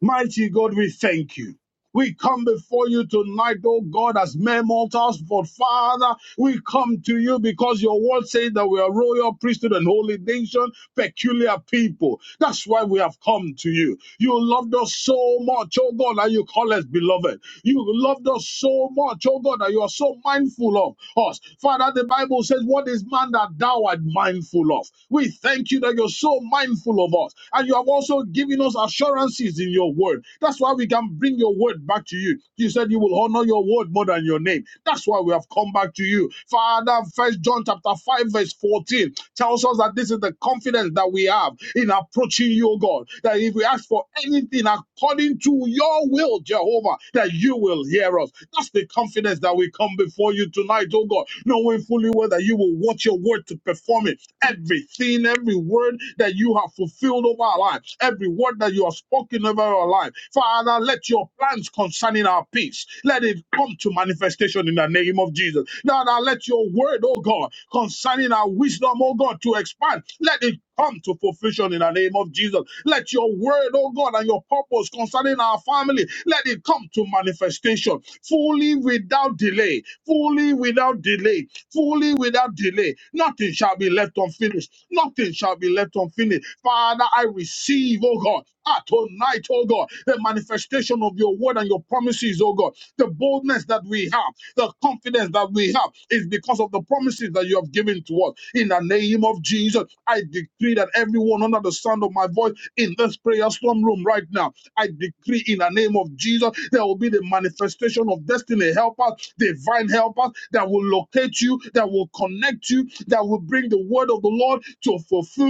Mighty God, we thank you. We come before you tonight, oh God, as mere mortals, but Father, we come to you because your word says that we are royal priesthood and holy nation, peculiar people. That's why we have come to you. You loved us so much, oh God, that you call us beloved. You loved us so much, oh God, that you are so mindful mindful of us. Father, the Bible says, What is man that thou art mindful of? We thank you that you're so mindful of us. And you have also given us assurances in your word. That's why we can bring your word back to you. You said you will honor your word more than your name. That's why we have come back to you. Father, first John chapter 5, verse 14 tells us that this is the confidence that we have in approaching you, O God. That if we ask for anything according to your will, Jehovah, that you will hear us. That's the confidence confidence that we come before you tonight, oh God, knowing fully well that you will watch your word to perform it. Everything, every word that you have fulfilled over our life, every word that you have spoken over our life. Father, let your plans concerning our peace, let it come to manifestation in the name of Jesus. Now, now let your word oh God, concerning our wisdom, oh God, to expand. Let it come to fruition in the name of Jesus. Let your word, oh God, and your purpose concerning our family, let it come to manifestation fully without delay, fully without delay, fully without delay. Nothing shall be left unfinished. Nothing shall be left unfinished. Father, I receive, oh God, ah, tonight, oh God, the manifestation of your word and your promises, oh God. The boldness that we have, the confidence that we have is because of the promises that you have given to us. In the name of Jesus, I decree that everyone under the sound of my voice in this prayer storm room right now I decree in the name of Jesus, there will be the manifestation of destiny helpers, divine helpers that will locate you, that will connect you, that will bring the word of the Lord to fulfillment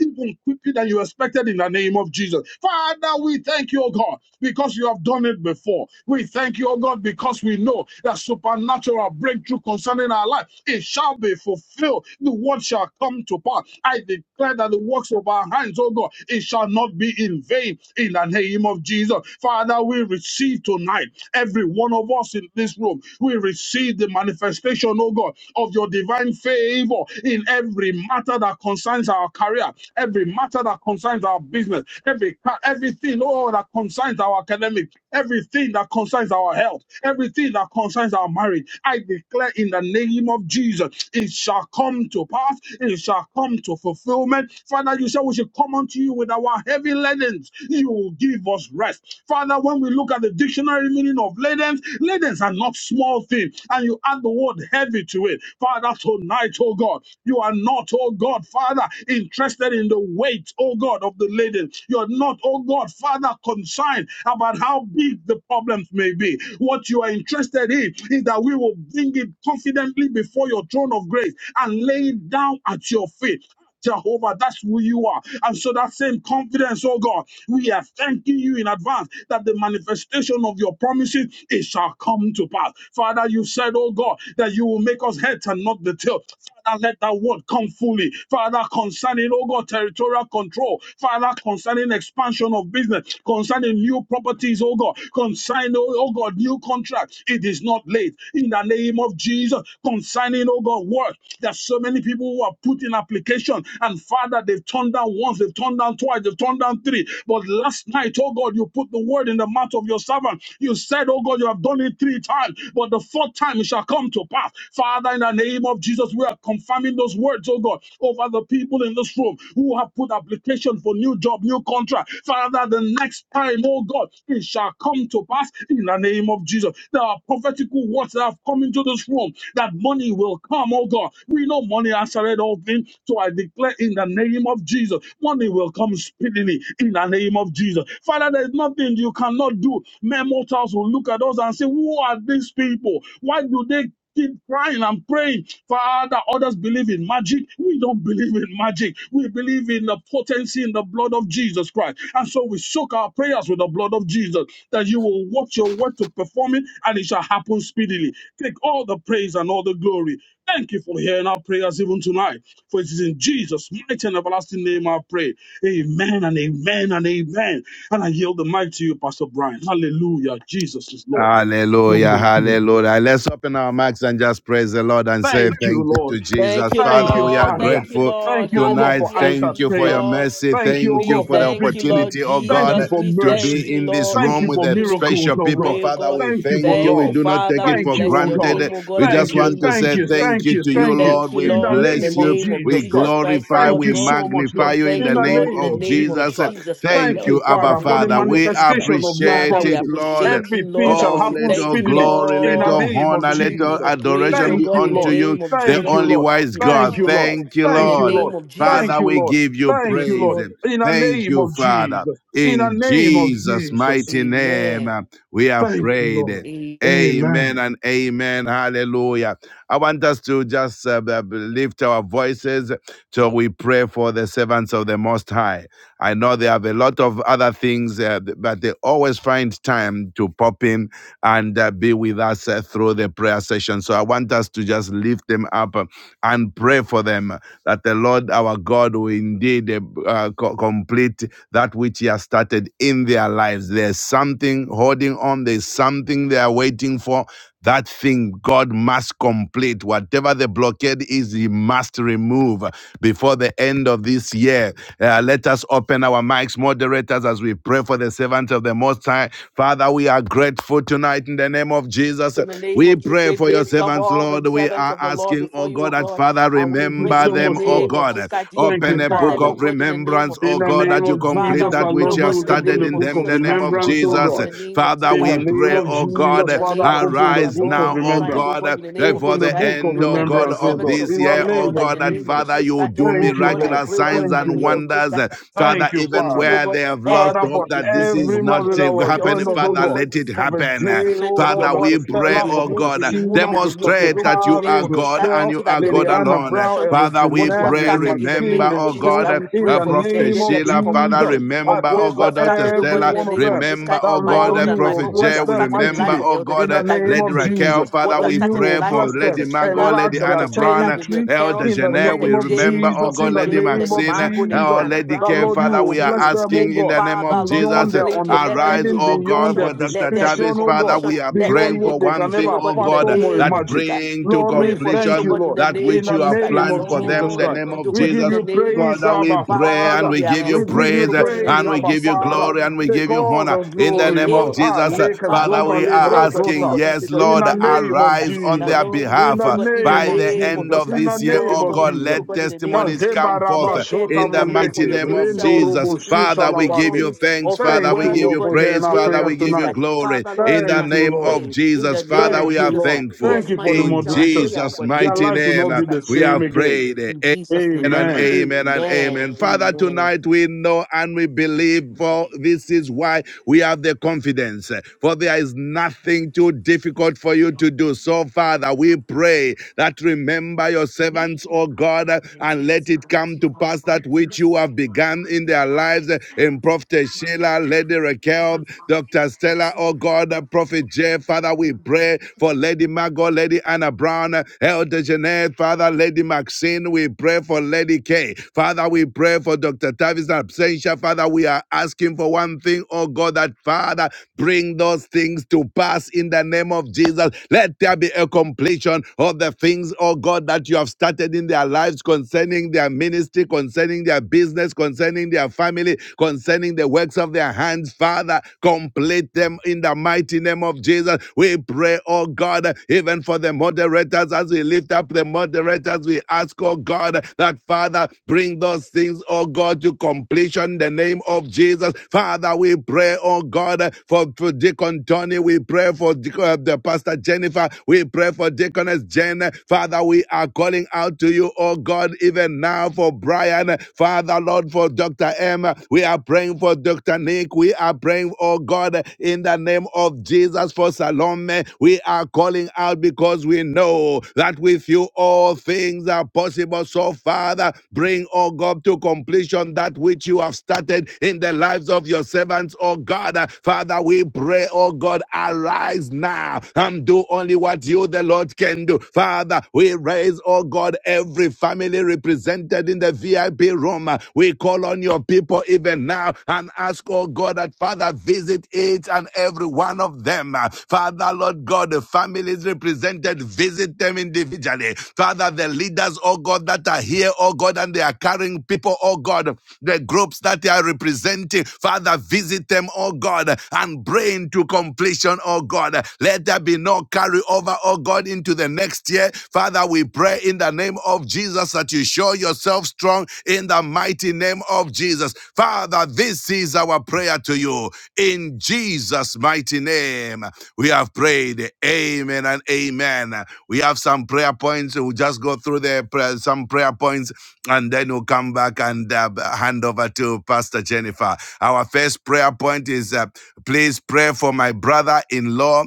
even quicker than you expected in the name of Jesus. Father, we thank you, O God, because you have done it before. We thank you, O God, because we know that supernatural breakthrough concerning our life, it shall be fulfilled. The word shall come to pass. I declare that the works of our hands, O God, it shall not not be in vain in the name of Jesus. Father, we receive tonight, every one of us in this room, we receive the manifestation, oh God, of your divine favor in every matter that concerns our career, every matter that concerns our business, every ca- everything, oh, that concerns our academic, everything that concerns our health, everything that concerns our marriage. I declare in the name of Jesus, it shall come to pass, it shall come to fulfillment. Father, you you said we should come unto you with our heavy ladens. You will give us rest. Father, when we look at the dictionary meaning of ladens, ladens are not small things. and you add the word heavy to it. Father, tonight, oh God, you are not, oh God, Father, interested in the weight, oh God, of the laden. You're not, oh God, Father, concerned about how big the problems may be. What you are interested in is that we will bring it confidently before your throne of grace and lay it down at your feet Jehovah, that's who you are. And so that same confidence, oh God, we are thanking you in advance that the manifestation of your promises, it shall come to pass. Father, you said, oh God, that you will make us heads and not the tail. Father, let that word come fully. Father, concerning, oh God, territorial control. Father, concerning expansion of business, concerning new properties, oh God, concerning, oh oh God, new contracts. It is not late. In the name of Jesus, concerning, oh God, work. that so so many people who have put in application and Father, they've turned down once, they've turned down twice, they've turned down three. But last night, oh God, you put the word in the mouth of your servant. You said, oh God, you have done it three times, but the fourth time it shall come to pass. Father, in the name of Jesus, we are confirming those words, oh God, over the people in this room who have put application for new job, new contract. Father, the next time, oh God, it shall come to pass in the name of Jesus. There are prophetical words that have come into this room that money money will come, oh God. We know money answered all things. So I declare in the name of Jesus, money will come speedily in the name of Jesus. Father, there's nothing you cannot do. Men mortals will look at us and say, Who are these people? Why do they keep crying and praying. Father, others believe in magic. We don't believe in magic. We believe in the potency in the blood of Jesus Christ. And so we soak our prayers with the blood of Jesus that you will watch your word to perform it and it shall happen speedily Take all the praise and all the glory. Thank you for hearing our prayers even tonight. For it is in Jesus' mighty and everlasting name I pray. Amen and amen and amen. And I yield the mic to you, Pastor Brian. Hallelujah. Jesus is Lord. Hallelujah, hallelujah. Let's open our mouths and just praise the Lord and say Thank you, thank you Lord. to Jesus. Thank you, Thank Father, you, we are Lord. Father. Thank you, grateful Thank Lord. you, O God, tonight. for Hallelujah to Thank answered you you, for your prayers. God. mercy. Thank you, O Thank you We God, for for the thank you, victory. Lord opportunity, oh Thank God, you Jesus. for We to be thank mercy. you, in this Lord, Thank room even you with to for the be in this room miracles, special to O people. God. pray, oh Father, God. we Thank you for thank you. Thank We you, love. do not take Father. it We Thank for you, bless O your God. name, granted. oh God, We in the just Thank you, want name to of thank say you, Jesus. thank thank you you, to We you, thank you. Lord. thank you, We In the Lord, in the bless name of you. name of Jesus We Jesus Christ. Christ, glorify, Thank Lord we you God. so much, magnify Lord. We you in In thank the you, the name Lord, in name the of of name of Jesus Jesus. Christ. Jesus Christ. Thank Thank you, you, Lord Abba Father, God, in the for the Father. name of We Jesus Christ. manifestation of your Father, appreciate we it, promises. Lord. appreciate you, Everything Lord, and shall we Oh, say happen let all thank you, speedily glory, in let the Lord. all name of To honor, you let be all Jesus. the praise, adoration oh be Thank God, you, in the unto Lord. you, name of the Jesus Thank you, only Lord. wise name of Thank God. you, Jesus Lord. Christ. Thank you, In the Thank you, Lord. Lord. name of Jesus. Thank Father, you, we Lord. give you Thank Yes, you, Lord. praise. Lord. In the Thank name you, of Father. Jesus. In the In name of Jesus' Jesus. mighty name, Amen. uh, we have Thank you, Lord. prayed. Amen. Amen Amen. and amen. Hallelujah. I want us to just uh, b- b- lift our voices till we pray for the servants of the Most High. I know they have a lot of other things, uh, but they always find time to pop in and uh, be with us uh, through the prayer session. So I want us to just lift them up. uh, and pray for them that the Lord our God will indeed uh, uh, co- complete that which He has started in their lives. There's something holding on, there's something they are waiting for. That thing God must complete. Whatever the blockade is, He must remove before the end of this year. Uh, let us open our mics, moderators, as we pray for the servants of the Most High. Father, we are grateful grateful tonight in the name of Jesus. In the name We of Jesus, pray we for your lift up servants, all the Lord. We servants are of the Lord asking, before oh you, O God, that God. Father, And we Thank you pray remember in so the much, them, oh Lord. name of God. Jesus Christ. You would Thank Open you, a remember book them, Father. O of God, in the name remembrance, of In oh the Jesus God, Christ. name that you of complete Father, Jesus, we that our pray, O which Lord, you we have God, in will the open started the name in of book them in of the Jesus name Christ, of remembrance, Lord oh God, Jesus. in God. the name of Father, Jesus In the Christ. we We name pray, pray, O of Lord, oh God, in Jesus, the Father, name of Jesus open Christ, the our arise book Lord, of now, you oh arise, remembrance. O God, God, in the name of before Open Jesus the the Christ. book of end, oh Remember God, the remembrance, oh of servants God. of this In the God, year, and oh name Lord, that in of God, the that name of Jesus. Father, Jesus you Christ. do O Thank you, God, I Lord. miraculous pray, oh God, signs in Thank the and wonders you, perform name Lord. of Jesus. wonders. Christ. Uh, Father, Thank you, supposed even to do, oh Father. where God, they have lost Father, every hope for that this deployment, is oh every God, not in mother the that name, uh, was every happening, joined obstacle, us, oh Father, oh God. God, let it Prophet happen. Uh, Jay, fulfillment oh of your Father, God, word. we Dr. Be pray, Stella, oh Prophet removed, God, be uh, removed, Sheila, be removed, be Dr. demonstrate that removed in you the name are Tavis, of Jesus God Christ, and Rochelle, so you that are there will Lady God be a Anna alone. Uh, Brown, completion Ever Father, of we what you Jeanette, have pray, Lady started in the Maxine, remember, name of Lady oh Jesus Cohen, God, Christ. uh, We in pray uh, the for this day. Prophet name Let there of be a Sheila, Father, Jesus. completion of I remember, pray oh what you for God, have Dr. started, oh every God, in Stella, the one of name of them Jesus remember, Christ, that, oh my God, Lord, uh, Lord you and my will Prophet God. What bless you Jay, have we them started in remember, life mightily of oh Elder God, in uh, the Jeanette, that you name Lady of finish it. Raquel, Jesus, What Father, you that have we you started in will pray life of for bless Lady Professor them, Margot, Sheila, enlarge Lady their Anna Dr. Brown, Stella, territory uh, Dr Elder in the with Jeanette. We name Prophet of Jade, remember, with oh Jesus, in God, Deaconess the Lady Jane, name Lady of Maxine, uh, Margot, Lady Jesus. oh Anna Lady That Brown, Care, Lord, Lady you Father. will We are Maxine, bless Lady them, oh asking Kay. in God, the name of Father, Lord, Jesus, beyond uh, their complete it. Let there arise, be a understanding, oh beyond God, completion. their for Dr. Let there be a description, Tavis, oh Father. God, completion. We are Let there beyond praying be a what for they one can thing, completion, oh ever oh God, in the God, uh, fathom or that name of Jesus. imagine. Christ. bring We to Lord, pray we for this, oh thank completion you, God, in Lord, the that in name which of the you have Jesus. Christ. name That planned of for Jesus them, Lord, the Christ. name indeed, of oh We God, give in Jesus. the you name of Jesus. praise, Father, Christ. we Abba pray Father, and Father. Lord, we we are give you We Last praying for one give this, praise you oh is uh, God, in the the praise, and name we of Abba Jesus. give what's the you Christ. The name? Father. Lord, glory and we indeed, oh Take give God. you Oh, all honor the in In the the glory, name of Lord. name of Ah, Jesus. Jesus. Christ, uh, Leka Father, Father, Zomba Lord, we we are pray, Libra God, even asking, Zota. for this, yes, God, In in Lord, the the name name of Jesus. of arise Christ, on That, Jesus. their Lord, you In do, behalf say, the uh, God, in the name by of the name of end Jesus. Jesus. of Christ, In the this year. name Lord Oh of God, God, do Jesus. to let God, in the name of testimonies Jesus. Christ. Kazemba come forth raba uh, Let there be, shota oh in the God, even for mighty mambeke, your name main of rendo servant, the Jesus. robo fulfillment shita Father, of we your give labande. you promise, thanks. of your Father, Thank we you, word, give oh Lord, you God, for in the hearing praise. our Father, name prayers we of Jesus. give you tonight. Christ, glory Father, Lord, in even the Thank as you, we name Lord. of pray, in Jesus. the name Father, we Thank of you, are Jesus Lord. Christ. thankful Thank Yes, you my for the Lord, in is our moderators. prayer, oh Jesus' God, in the Their mighty name lives of will name. not Jesus uh, be the Christ. We which is same have heaven, God. again. prayed. In Jesus' name, Amen and Amen. amen and amen, amen. Father, amen. tonight we know and we believe, for this is why we have the confidence. For there is nothing too difficult for you to do. So, Father, we pray that remember your We servants, O love the God, holidays and here at let Star it One oh come Two to Point pass One. that and which This you side, have begun in their especially lives. the In dance. Prophet But most Sheila, of all, Lady we love Raquel, being part Dr. of the Stella, family. O God, Prophet J, Father, we pray for Lady Margot, Lady Anna, Anna Brown, uh, Elder Jeanette, Father, Lady Maxine. We pray for Lady K. Father, we pray for Dr. Tavis Absentia. Father, we are asking for one thing, oh God, that Father, bring those things to pass in the name of Jesus. Let there be a completion of the things, oh God, that you have started in their lives concerning their ministry, concerning their business, concerning their family, concerning the works of their hands. Father, complete them them in the mighty name of Jesus. We pray, oh God, even for the moderators as we lift up the moderators, we ask, oh God, that Father, bring those things, oh God, to completion in the name of Jesus. Father, we pray, oh God, for, for Deacon Tony. We pray for uh, the Pastor Jennifer. We pray for Deaconess Jen. Father, we are calling out to you, oh God, even now for Brian. Father, Lord, for Dr. M them. We are praying for Dr. Nick. We are praying, oh God, in the name of Jesus for Salome. We are calling out because we know that with you all things are possible. So, Father, bring, oh God, to completion that which you have started in the lives of your servants, oh God. Father, we pray, oh God, arise now and do only what you, the Lord, can do. Father, we raise, oh God, every every family represented in the VIP room. Uh, We call on your people even now and ask, oh God, that Father, visit each and every one of them. Uh, Father, Lord God, the families represented, visit them individually. Father, the leaders, oh God, that are here, oh God, and they are carrying people, oh God, the groups that they are representing. Father, visit them, oh God, and bring to completion, oh God. Let there be no carry carry over, oh God, into the next year. Father, we pray in the name of Jesus that you show yourself strong in the mighty name of Jesus. Father, this is our prayer to you. In Jesus' mighty name, we have prayed. Amen and amen. We have some prayer points. We'll just go through the prayer, some prayer points and then we'll come back and uh, hand over to Pastor Jennifer. Our first prayer point is uh, please pray for my brother in law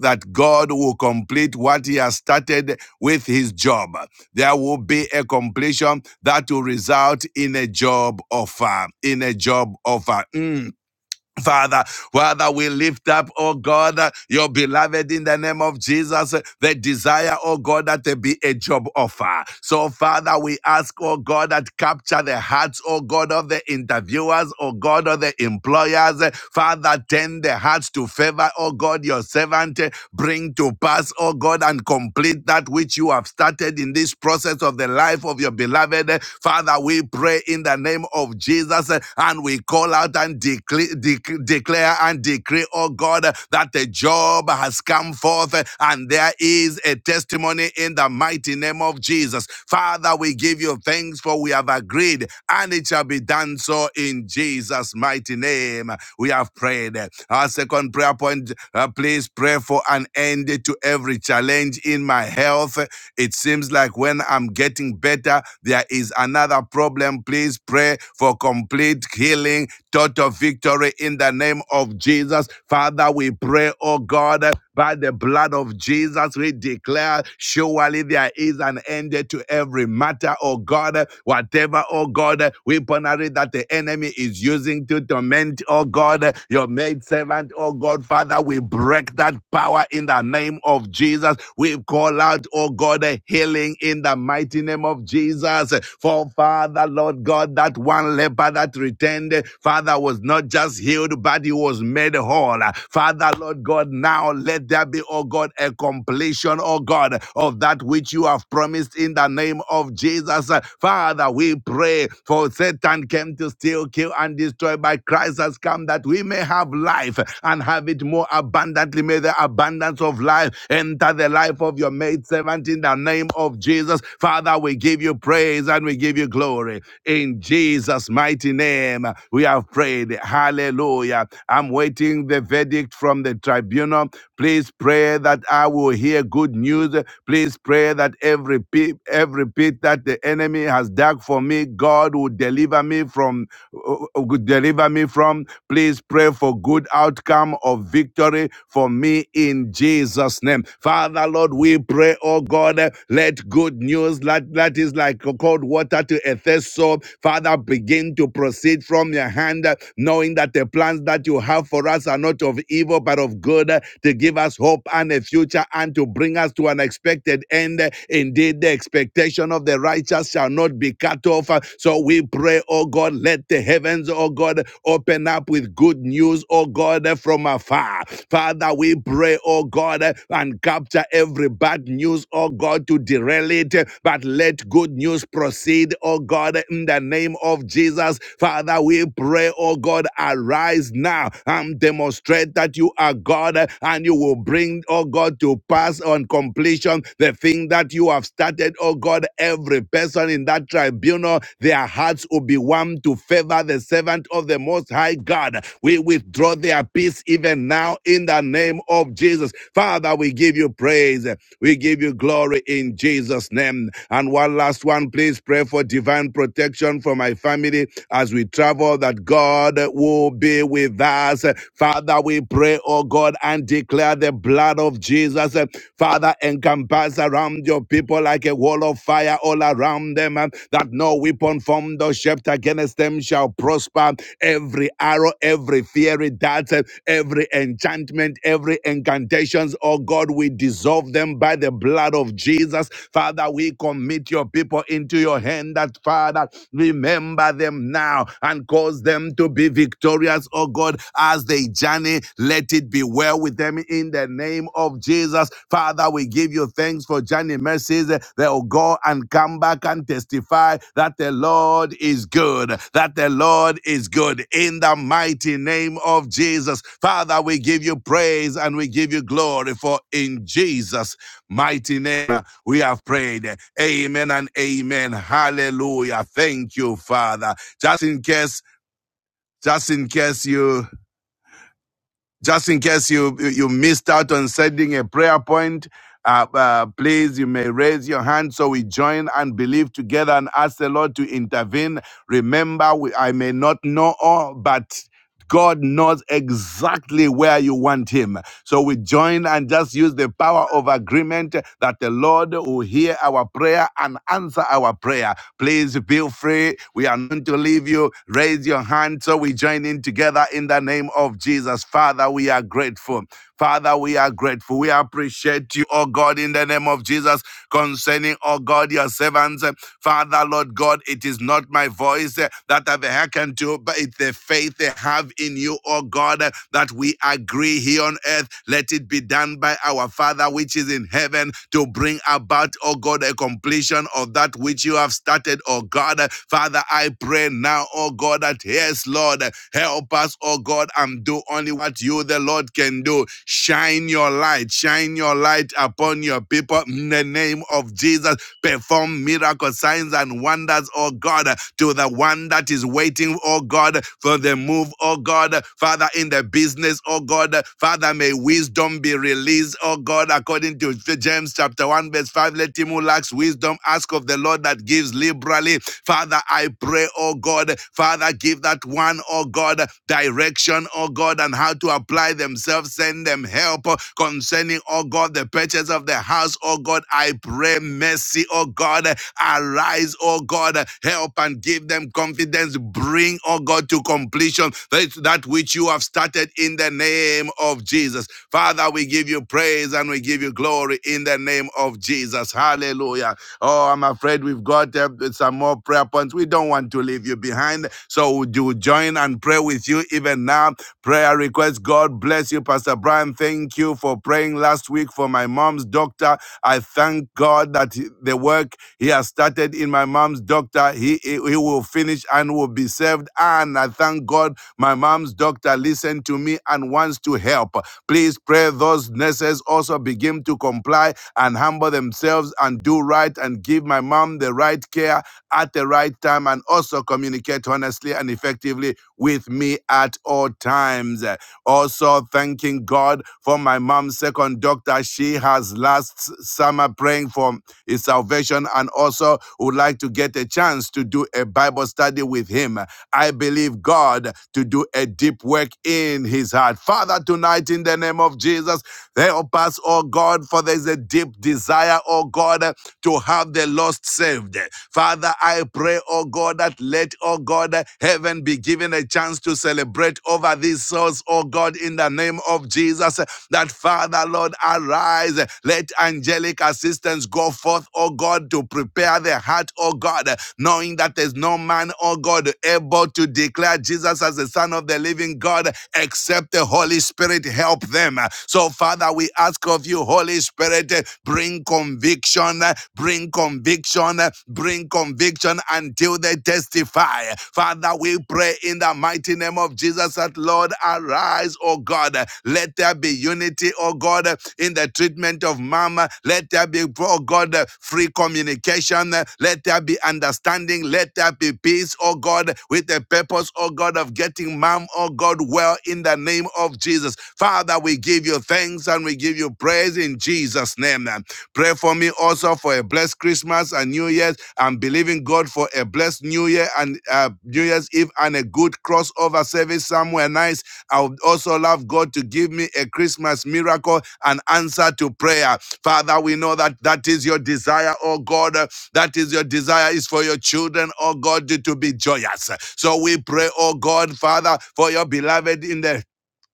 that God will complete what he has started with his job. There will be a completion that will result in a job offer, in a job offer. Mm. Father, Father, we lift up, oh God, uh, your beloved in the name of Jesus, uh, the desire, oh God, that there be a job offer. So, Father, we ask, oh God, that capture the hearts, oh God, of the interviewers, oh God, of the employers. Uh, Father, turn the hearts to favor, oh God, your servant. Uh, Bring to pass, oh God, and complete that which you have started in this process of the life of your beloved. Uh, Father, we pray in the name of Jesus uh, and we call out and declare decree, dec- declare and decree, oh God, that the job has come forth uh, and there is a testimony in the mighty name of Jesus. Father, we give you thanks for we have agreed and it shall be done so in Jesus' mighty name. We have prayed. Our second prayer point, uh, please pray for an end to every challenge in my health. It seems like when I'm getting better, there is another problem. Please pray for complete healing total victory in the name of Jesus. Father, we pray, oh God, by the blood of Jesus, we declare surely there is an end to every matter, oh God, whatever, oh God, weaponry that the enemy is using to torment, oh God, your maid servant, oh God, Father, we break that power in the name of Jesus. We call out, oh God, a healing in the mighty name of Jesus. For Father, Lord God, that one leper that that returned, Father, was not just healed, but he was made whole. Father, Lord God, now let there be, oh God, a completion, oh God, of that which you have promised in the name of Jesus. Father, we pray for Satan came to steal, kill, and destroy, but Christ has come that we may have life and have it more abundantly. May the abundance of life enter the life of your maid servant in the name of Jesus. Father, we give you praise and we give you glory. In in Jesus' mighty name, we have prayed. Hallelujah. I'm waiting the verdict from the tribunal. Please pray that I will hear good news. Please pray that every pit, every pit that the enemy has dug for me, God will deliver me from. uh, uh, Would deliver me from. Please pray for good outcome of victory for me in Jesus' name. Father, Lord, we pray, oh God, let good news, that, that is like cold water letter to Ephesus. Father, begin to proceed from your hand, uh, knowing that the plans that you have for us are not of evil, but of good, uh, to give us hope and a future and to bring us to an expected end. Indeed, the expectation of the righteous shall not be cut off. Uh, So we pray, oh God, let the heavens, oh God, open up with good news, oh God, uh, from afar. Father, we pray, oh God, uh, and capture every bad news, oh God, to derail it, uh, but let good good news proceed, oh God, in the name of Jesus. Father, we pray, oh God, arise now and demonstrate that you are God and you will bring, oh God, to pass on completion the thing that you have started, oh God. Every person in that tribunal, their hearts will be warm to favor the servant of the Most High God. We withdraw their peace even now in the name of Jesus. Father, we give you praise. We give you glory in Jesus' name name. And one last one, please pray for divine protection for my family as we travel, that God will be with us. Father, we pray, oh God, and declare the blood of Jesus. Father, encompass around your people like a wall of fire all around them, uh, that no weapon formed or shaped against them shall prosper. Every arrow, every fiery dart, uh, every enchantment, every incantations, oh God, we dissolve them by the blood of Jesus of Jesus. Father, we commit your people into your hand that, Father, remember them now and cause them to be victorious, oh God, as they journey. Let it be well with them in the name of Jesus. Father, we give you thanks for journey mercies. They'll go and come back and testify that the Lord is good, that the Lord is good in the mighty name of Jesus. Father, we give you praise and we give you glory for in Jesus mighty name uh, we have prayed. Amen and amen. Hallelujah. Thank you, Father. Just in case, just in case you, just in case you, you missed out on sending a prayer point, uh, uh, please, you may raise your hand so we join and believe together and ask the Lord to intervene. Remember, we, I may not know all, but God knows exactly where you want Him. So we join and just use the power of agreement that the Lord will hear our prayer and answer our prayer. Please feel free. We are not to leave you. Raise your hand so we join in together in the name of Jesus. Father, we are grateful. Father, we are grateful. We appreciate you, oh God, in the name of Jesus, concerning, oh God, your servants. Father, Lord God, it is not my voice uh, that I've hearkened to, but it's the faith they have in you, O God, uh, that we agree here on earth. Let it be done by our Father which is in heaven to bring about, O God, a completion of that which you have started, O God. Uh, Father, I pray now, O God, that yes, Lord, uh, help us, O God, and do only what you, the Lord, can do. Shine your light, shine your light upon your people in the name of Jesus. Jesus. Perform miracles, signs and wonders, oh God, to the one that is waiting, oh God, for the move, oh God. Father, in the business, oh God, Father, may wisdom be released, oh God, according to James chapter 1, verse 5. Let him who lacks wisdom ask of the Lord that gives liberally. Father, I pray, oh God, Father, give that one, oh God, direction, oh God, and how to apply themselves. Send them help Con- concerning, oh God, the purchase of the house, oh God, I pray mercy, oh God, arise, oh God, help and give them confidence, bring, oh God, to completion that that which you have started in the name of Jesus. Father, we give you praise and we give you glory in the name of Jesus. Hallelujah. Oh, I'm afraid we've got uh, some more prayer points. We don't want to leave you behind. So would you join and pray with you even now? Prayer request God bless you, Pastor Brian. Thank you for praying last week for my mom's doctor. I thank God that he- the work he has started in my mom's doctor, he, he he will finish and will be saved. And I thank God my mom's doctor listened to me and wants to help. Please pray those nurses also begin to comply and humble themselves and do right and give my mom the right care at the right time and also communicate honestly and effectively with me at all times. Also, thanking God for my mom's second doctor. She has last summer praying for his salvation and also would like to get a chance to do a Bible study with him. I believe God to do a deep work in his heart. Father, tonight in the name of Jesus, help us, oh God, for there's a deep desire, oh God to have the lost saved. Father, I pray, oh God, that let, oh God, heaven be given a chance to celebrate over these souls, oh God, in the name of Jesus. That Father, Lord, arise. Let angelic assistance go forth, oh God, to prepare the heart, oh God, knowing that there's no man, oh God, able to declare Jesus as the Son of the living God except the Holy Spirit help them. So, Father, we ask of you, Holy Spirit. Spirit. eh, Bring conviction, eh, bring conviction, eh, bring conviction until they testify. Father, we pray in the mighty name of Jesus that, Lord, arise, O God. Let there be unity, O God, in the treatment of mama. Let there be, O God, free communication. Let there be understanding. Let there be peace, O God, with the purpose, O God, of getting mom, O God, well in the name of Jesus. Father, we give you you thanks and we give you praise in Jesus' name. Pray for me also for a blessed Christmas and New Year's. I'm believing God for a blessed New Year and uh, New Year's Eve and a good crossover service somewhere nice. I would also love God to give me a Christmas miracle, and answer to prayer. Father, we know that that is your desire, oh God. Uh, That is your desire is for your children, oh God, to to be joyous. So we pray, oh God, Father, for your beloved in the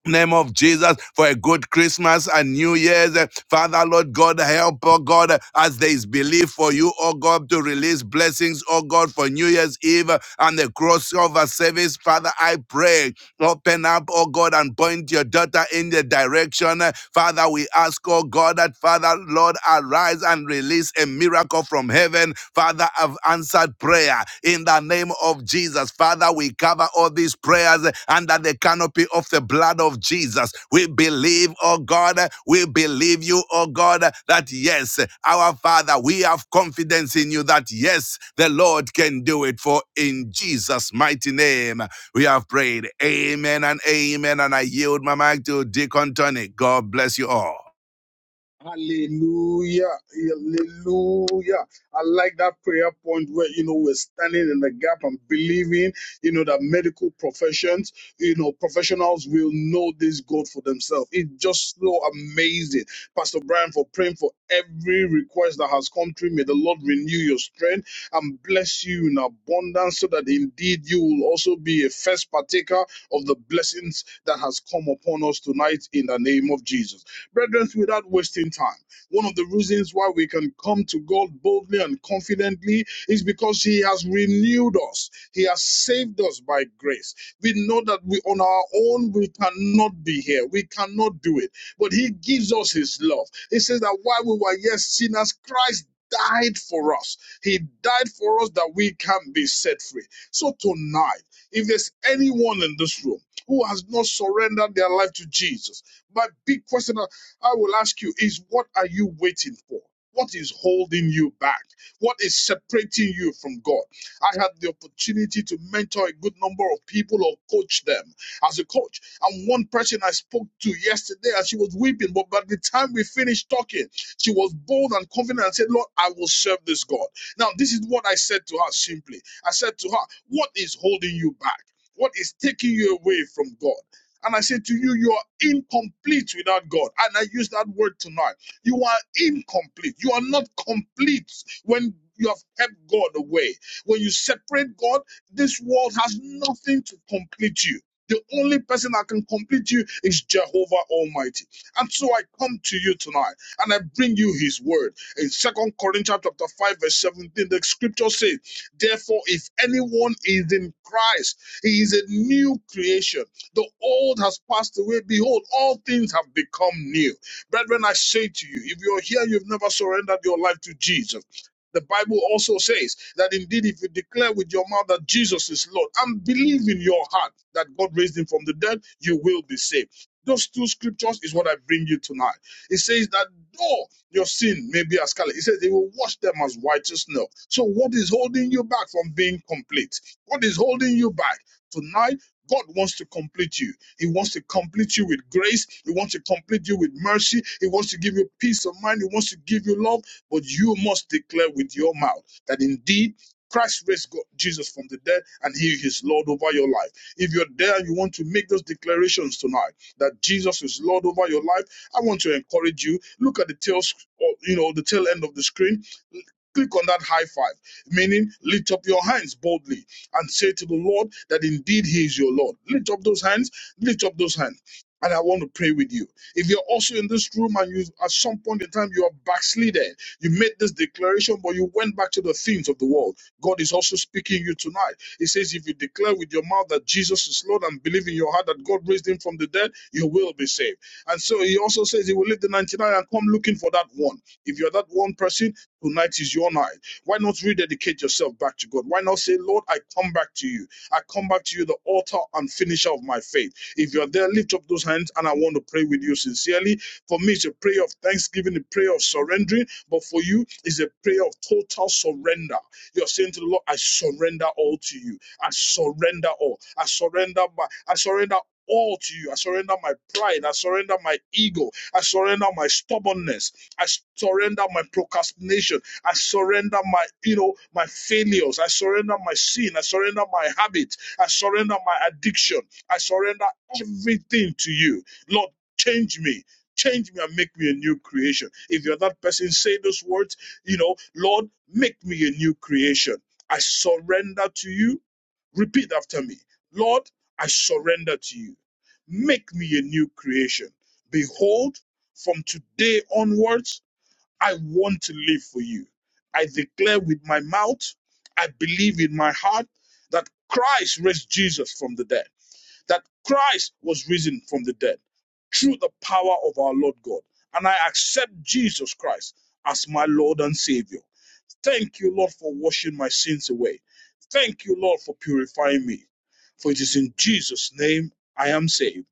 name of Jesus for a good Christmas and New Year's. Father, Lord God, help, oh God, as there is belief for you, oh God, to release blessings, oh God, for New Year's Eve and the crossover service. Father, I pray, open up, oh God, and point your daughter in the direction. Father, we ask, oh God, that Father, Lord, arise and release release a miracle from heaven. Father, I've answered prayer in the name of Jesus. Father, we cover all these prayers under the canopy of the blood of Jesus. We believe, oh God, we believe you, oh God, that yes, our Father, we have confidence in you that yes, the Lord can do it. For in Jesus' mighty name, we have prayed. Amen and amen. And I yield my mic to Deacon Tony. God bless you all. Hallelujah. Hallelujah. I like that prayer point where, you know, we're standing in the gap and believing, you know, that medical professions, you know, professionals will know this God for themselves. It's just so amazing. Pastor Brian, for praying for every request that has come through, may the Lord renew your strength and bless you in abundance so that indeed you will also be a first partaker of the blessings that has come upon us tonight in the name of Jesus. Brethren, without wasting time, one of the reasons why we can come to God boldly and confidently is because He has renewed us, He has saved us by grace. We know that we on our own we cannot be here, we cannot do it, but He gives us His love. He says that while we were yet sinners, Christ died for us. He died for us that we can be set free. So tonight, if there's anyone in this room who has not surrendered their life to Jesus, my big question I will ask you is what are you waiting for? What is holding you back? What is separating you from God? I had the opportunity to mentor a good number of people or coach them as a coach. And one person I spoke to yesterday and she was weeping, but by the time we finished talking, she was bold and confident and said, Lord, I will serve this God. Now, this is what I said to her simply. I said to her, What is holding you back? What is taking you away from God? And I say to you, you are incomplete without God. And I use that word tonight. You are incomplete. You are not complete when you have kept God away. When you separate God, this world has nothing to complete you. The only person that can complete you is Jehovah Almighty. And so I come to you tonight and I bring you his word. In Second Corinthians chapter 5, verse 17, the scripture says, Therefore, if anyone is in Christ, he is a new creation. The old has passed away. Behold, all things have become new. Brethren, I say to you, if you're here, you've never surrendered your life to Jesus. The Bible also says that indeed, if you declare with your mouth that Jesus is Lord and believe in your heart that God raised him from the dead, you will be saved. Those two scriptures is what I bring you tonight. It says that though your sin may be as scarlet, it says they will wash them as white as snow. So, what is holding you back from being complete? What is holding you back? Tonight, God wants to complete you. He wants to complete you with grace. He wants to complete you with mercy. He wants to give you peace of mind. He wants to give you love. But you must declare with your mouth that indeed Christ raised God, Jesus from the dead and he is Lord over your life. If you're there and you want to make those declarations tonight that Jesus is Lord over your life, I want to encourage you. Look at the tail, sc- or, you know, the tail end of the screen. Click on that high five, meaning lift up your hands boldly and say to the Lord that indeed He is your Lord. Lift up those hands, lift up those hands. And I want to pray with you. If you're also in this room and you at some point in time you are backslidden, you made this declaration, but you went back to the things of the world. God is also speaking to you tonight. He says, If you declare with your mouth that Jesus is Lord and believe in your heart that God raised him from the dead, you will be saved. And so he also says he will leave the 99 and come looking for that one. If you're that one person, tonight is your night. Why not rededicate yourself back to God? Why not say, Lord, I come back to you. I come back to you, the author and finisher of my faith. If you're there, lift up those hands and I want to pray with you sincerely. For me, it's a prayer of thanksgiving, a prayer of surrendering. But for you, it's a prayer of total surrender. You're saying to the Lord, I surrender all to you. I surrender all. I surrender my I surrender all to you. I surrender my pride. I surrender my ego. I surrender my stubbornness. I surrender my procrastination. I surrender my, you know, my failures. I surrender my sin. I surrender my habit. I surrender my addiction. I surrender everything to you. Lord, change me. Change me and make me a new creation. If you're that person, say those words, you know, Lord, make me a new creation. I surrender to you. Repeat after me. Lord, I surrender to you. Make me a new creation. Behold, from today onwards, I want to live for you. I declare with my mouth, I believe in my heart that Christ raised Jesus from the dead, that Christ was risen from the dead through the power of our Lord God. And I accept Jesus Christ as my Lord and Savior. Thank you, Lord, for washing my sins away. Thank you, Lord, for purifying me. For it is in Jesus' name I am saved.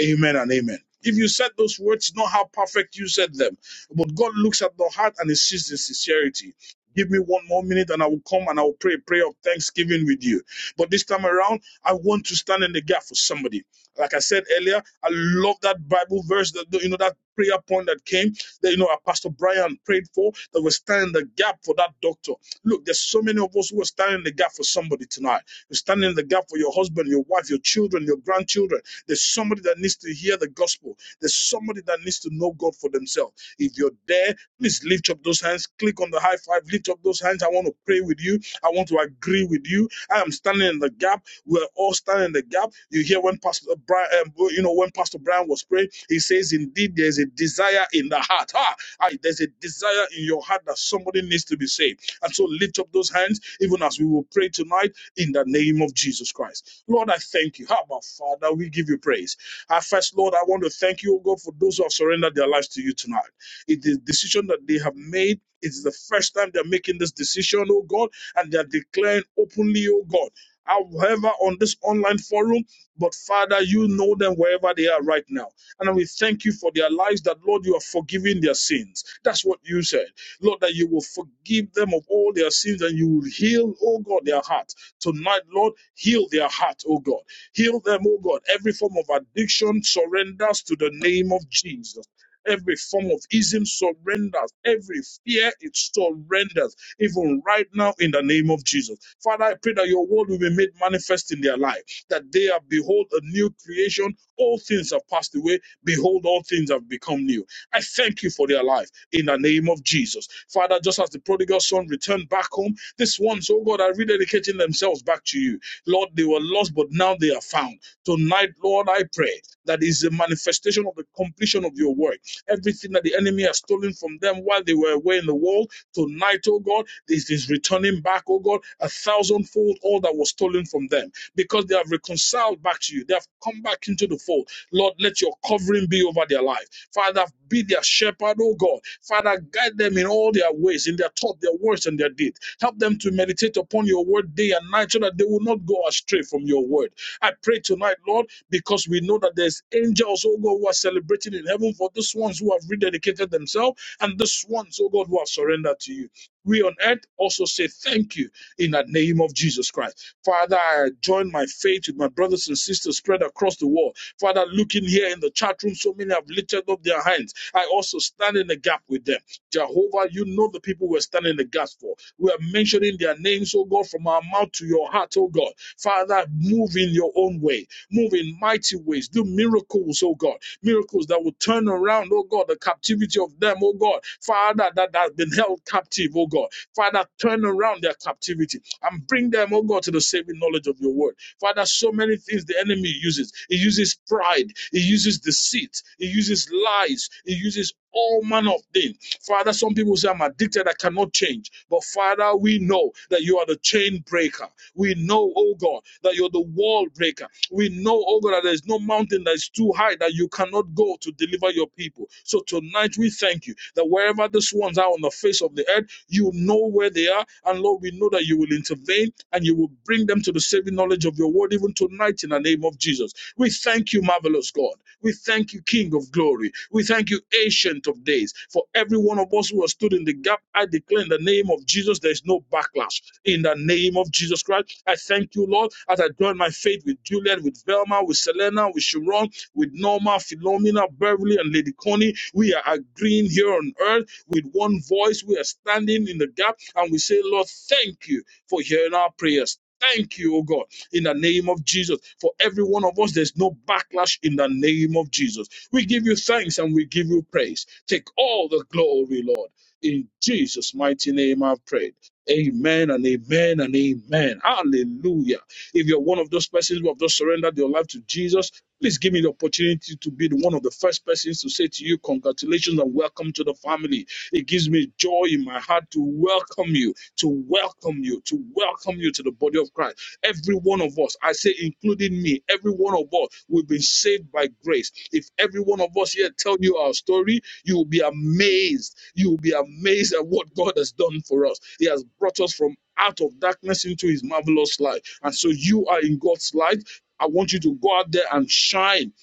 Amen and amen. If you said those words, not how perfect you said them, but God looks at the heart and He sees the sincerity. Give me one more minute and I will come and I will pray a prayer of thanksgiving with you. But this time around, I want to stand in the gap for somebody. Like I said earlier, I love that Bible verse that you know that prayer point that came that you know our Pastor Brian prayed for that was standing in the gap for that doctor. Look, there's so many of us who are standing in the gap for somebody tonight. You're standing in the gap for your husband, your wife, your children, your grandchildren. There's somebody that needs to hear the gospel. There's somebody that needs to know God for themselves. If you're there, please lift up those hands. Click on the high five. Lift up those hands. I want to pray with you. I want to agree with you. I am standing in the gap. We're all standing in the gap. You hear when Pastor Brian, um, well, you know, when Pastor Brian was praying, he says, "Indeed, there's a desire in the heart. Ah, I- there's a desire in your heart that somebody needs to be saved." And so, lift up those hands, even as we will pray tonight in the name of Jesus Christ. Lord, I thank you. How Father? We give you praise. At first, Lord, I want to thank you, O God, for those who have surrendered their lives to you tonight. It is a decision that they have made. It is the first time they're making this decision, oh God, and they're declaring openly, oh God. However, on this online forum, but Father, you know them wherever they are right now. And we thank you for their lives that, Lord, you are forgiving their sins. That's what you said. Lord, that you will forgive them of all their sins and you will heal, oh God, their heart. Tonight, Lord, heal their heart, oh God. Heal them, oh God. Every form of addiction surrenders to the name of Jesus. Every form of ism surrenders. Every fear, it surrenders, even right now in the name of Jesus. Father, I pray that your word will be made manifest in their life, that they are, behold, a new creation all things have passed away. Behold, all things have become new. I thank you for their life in the name of Jesus. Father, just as the prodigal son returned back home, this ones, oh God, are rededicating themselves back to you. Lord, they were lost, but now they are found. Tonight, Lord, I pray that is a manifestation of the completion of your work. Everything that the enemy has stolen from them while they were away in the world, tonight, oh God, this is returning back, oh God, a thousandfold all that was was stolen from them because they have reconciled back to you. They have come back into the fold. Lord, let your covering be over their life. Father, be their shepherd, oh God. Father, guide them in all their ways, in their thought, their words, and their deed. Help them to meditate upon your word day and night so that they will not go astray from your word. I pray tonight, Lord, because we know that there's angels, oh God, who are celebrating in heaven for those ones who have rededicated themselves and those ones, oh God, who have surrendered to you we on earth also say thank you in the name of Jesus Christ. Father, I join my faith with my brothers and sisters spread across the world. Father, looking here in the chat room, so many have lifted up their hands. I also stand in the gap with them. Jehovah, you know the people we're standing in the gap for. We are mentioning their names, oh God, from our mouth to your heart, oh God. Father, move in your own way, move in mighty ways, do miracles miracles, oh God. Miracles that will turn around, oh God, the captivity of them, oh God. Father, that has been held captive, oh God. Father, turn around their captivity and bring them, oh God, to the saving knowledge of your word. Father, so many things the enemy uses. He uses pride, he uses deceit, he uses lies, he uses all manner of things. Father, some people say, I'm addicted, I cannot change. But Father, we know that you are the chain breaker. We know, oh God, that you're the wall breaker. We know, oh God, that there's no mountain that is too high that you cannot go to deliver your people. So tonight we thank you that wherever these ones are on the face of the earth, you know where they are. And Lord, we know that you will intervene and you will bring them to the saving knowledge of your word even tonight in the name of Jesus. We thank you, Marvelous marvelous God. We thank you, King of glory. We thank you, Ancient of days. For every one of us who has stood in the gap, I declare in the name of Jesus, there is no backlash. In the name of Jesus Christ, I thank you, Lord, as I join my faith with Juliet, with Velma, with Selena, with Sharon, with Norma, Philomena, Beverly, and Lady Connie. We are agreeing here on earth with one voice. We are standing in the gap and we say, Lord, thank you for hearing our prayers. Thank you, O God in the name of Jesus. For every one of us, there's no backlash in the name of Jesus. We give you thanks and we give you praise. Take all the glory, Lord. In Jesus' mighty name, I've prayed. Amen and amen and amen. Hallelujah. If you're one of those persons who have just surrendered your life to Jesus, please give me the opportunity to be one of the first persons to say to you, Congratulations and welcome to the family. It gives me joy in my heart to welcome you, to welcome you, to welcome you to the body of Christ. Every one of us, I say, including me, every one of us, we've been saved by grace. If every one of us here tell you our story, you will be amazed. You will be amazed at what God has done for us. He has brought us from out of darkness into his marvelous light. And so you are in God's light. I want you to go out there and shine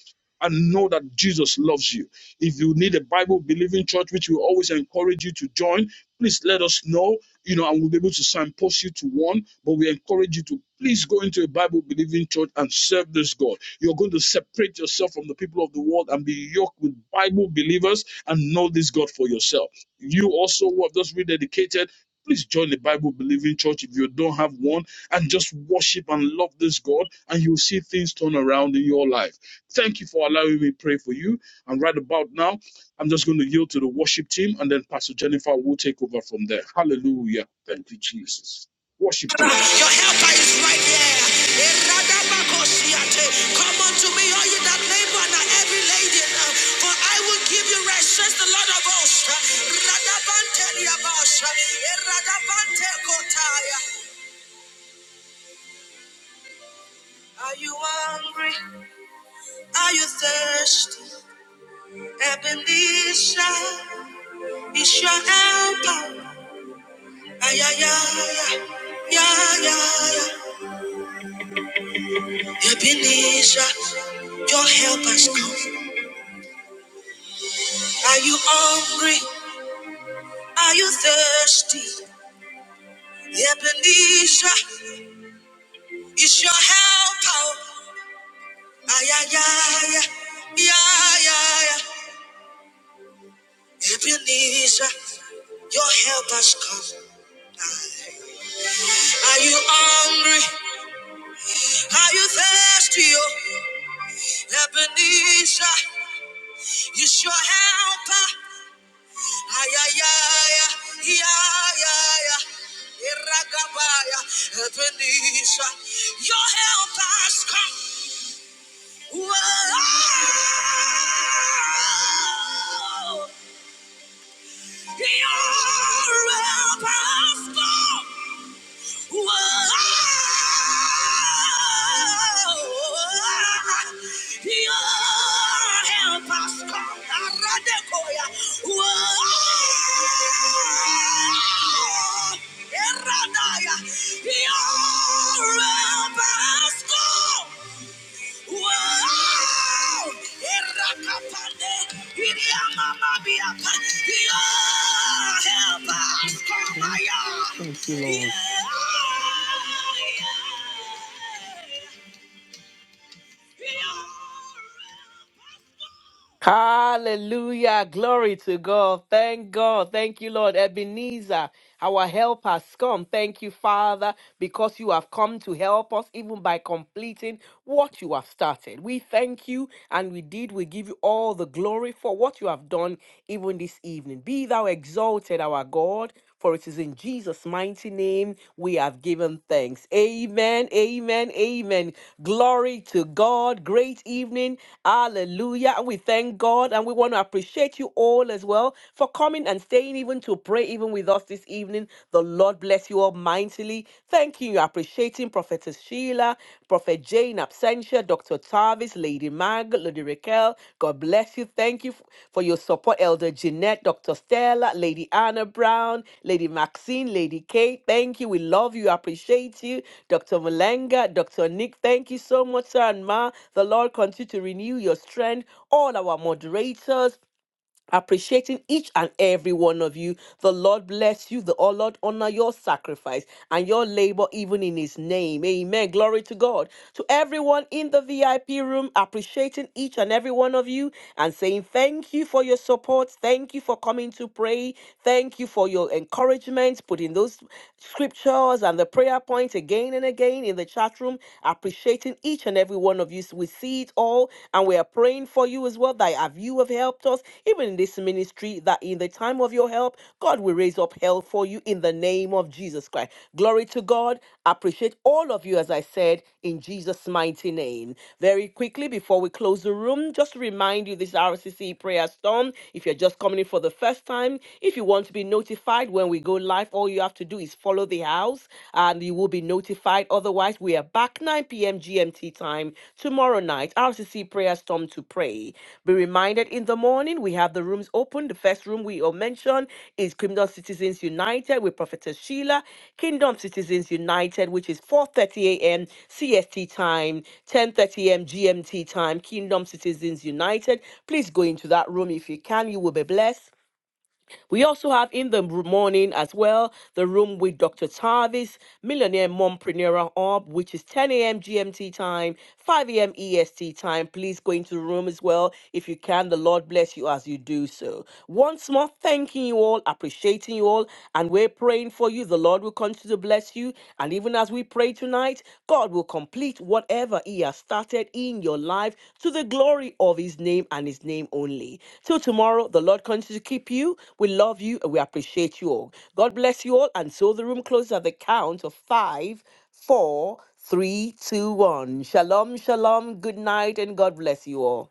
and know that Jesus loves you. If you need a Bible believing church, which we always encourage you to join, please let us know you know, and we'll be able to signpost you to one, but we encourage you to please go into a Bible believing church and serve this God. You're going to separate yourself from the people of the world and be yoked with Bible believers and know this God for yourself. You also who have just rededicated. Please join the Bible believing church if you don't have one and just worship and love this God, and you'll see things turn around in your life. Thank you for allowing me to pray for you. And right about now, I'm just going to yield to the worship team and then Pastor Jennifer will take over from there. Hallelujah. Thank you, Jesus. Worship team. Your helper is right there. Eradabakosiate. Come unto me, all you that labor and are heavy laden, uh, for I will give you rest, says the Lord of hosts. Radabanteliabasha. Eradabantekotaya. Are you hungry? Are you thirsty? Ebenezer is your helper. Ay, ay, ay, ay, yeah, yeah. ay. Ebenezer, your help has come. Are you hungry? Are you thirsty? Ebenezer is your helper. Ay, ay, ay, ay, ay, ay. Ebenezer, your help has come. Are you hungry? Are you thirsty? Oh, Ebenezer is your helper. Ay, ay, ay, ay, ay, ay. ay. Eragabaya, Ebenezer, your help has come. Whoa! You're a Wow! Irakapande, iriamamabiapa. Yeah, help us, come on. Thank you, Yeah, Lord. yeah, yeah. Hallelujah. Glory to God. Thank God. Thank you, Lord. Ebenezer, our help has come. Thank you, Father, because you have come to help us even by completing what you have started. We thank you and we did. We give you all the glory for what you have done even this evening. Be thou exalted, our God. For it is in Jesus' mighty name we have given thanks. Amen, amen, amen. Glory to God. Great evening. Hallelujah. And we thank God and we want to appreciate you all as well for coming and staying even to pray even with us this evening. The Lord bless you all mightily. Thank you. Appreciating Prophetess Sheila, Prophet Jane, absentia, Dr. Tavis, Lady Mag, Lady Raquel. God bless you. Thank you f- for your support, Elder Jeanette, Dr. Stella, Lady Anna Brown, Lady Maxine, Lady Kate. Thank you. We love you. Appreciate you. Dr. Malenga, Dr. Nick, thank you so much, sir and ma. The Lord continue to renew your strength. All our moderators, appreciating each and every one of you. The Lord bless you. The oh Lord honor your sacrifice and your labor, even in His name. Amen. Glory to God. To everyone in the VIP room, appreciating each and every one of you and saying thank you for your support. Thank you for coming to pray. Thank you for your encouragement, putting those scriptures and the prayer points again and again in the chat room. Appreciating each and every one of you of you. So we see it all and we are praying for you as well that have you have helped us, even in this ministry, that in the time of your help, God will raise up help for you in the name of Jesus Christ. Glory to God. I appreciate all of you, as I said, in Jesus' mighty name. Very quickly, before we close the room, just to remind you this RCC prayer storm. If you're just coming in for the first time, if you want to be notified when we go live, all you have to do is follow the house house and you will be notified. Otherwise, we are back 9 p.m. GMT time tomorrow night. RCC Prayer Storm to pray. Be reminded in the morning, we have the rooms open. The first room we all mentioned is Kingdom Citizens United with Prophetess Sheila. Kingdom Citizens United, which is 4.30 a.m. CST time, 10.30 a.m. GMT time. Kingdom Citizens United. Please go into that room if you can. You will be blessed. We also have in the morning as well the room with Dr. Tarvis, Millionaire Mompreneur Hub, which is 10 a.m. GMT time, 5 a.m. EST time. Please go into the room as well if you can. The Lord bless you as you do so. Once more, thanking you all, appreciating you all, and we're praying for you. The Lord will continue to bless you. And even as we pray tonight, God will complete whatever He has started in your life to the glory of His name and His name only. Till tomorrow, the Lord continues to keep you. We love you and we appreciate you all. God bless you all. And so the room closes at the count of five, four, three, two, one. Shalom, shalom. Good night and God bless you all.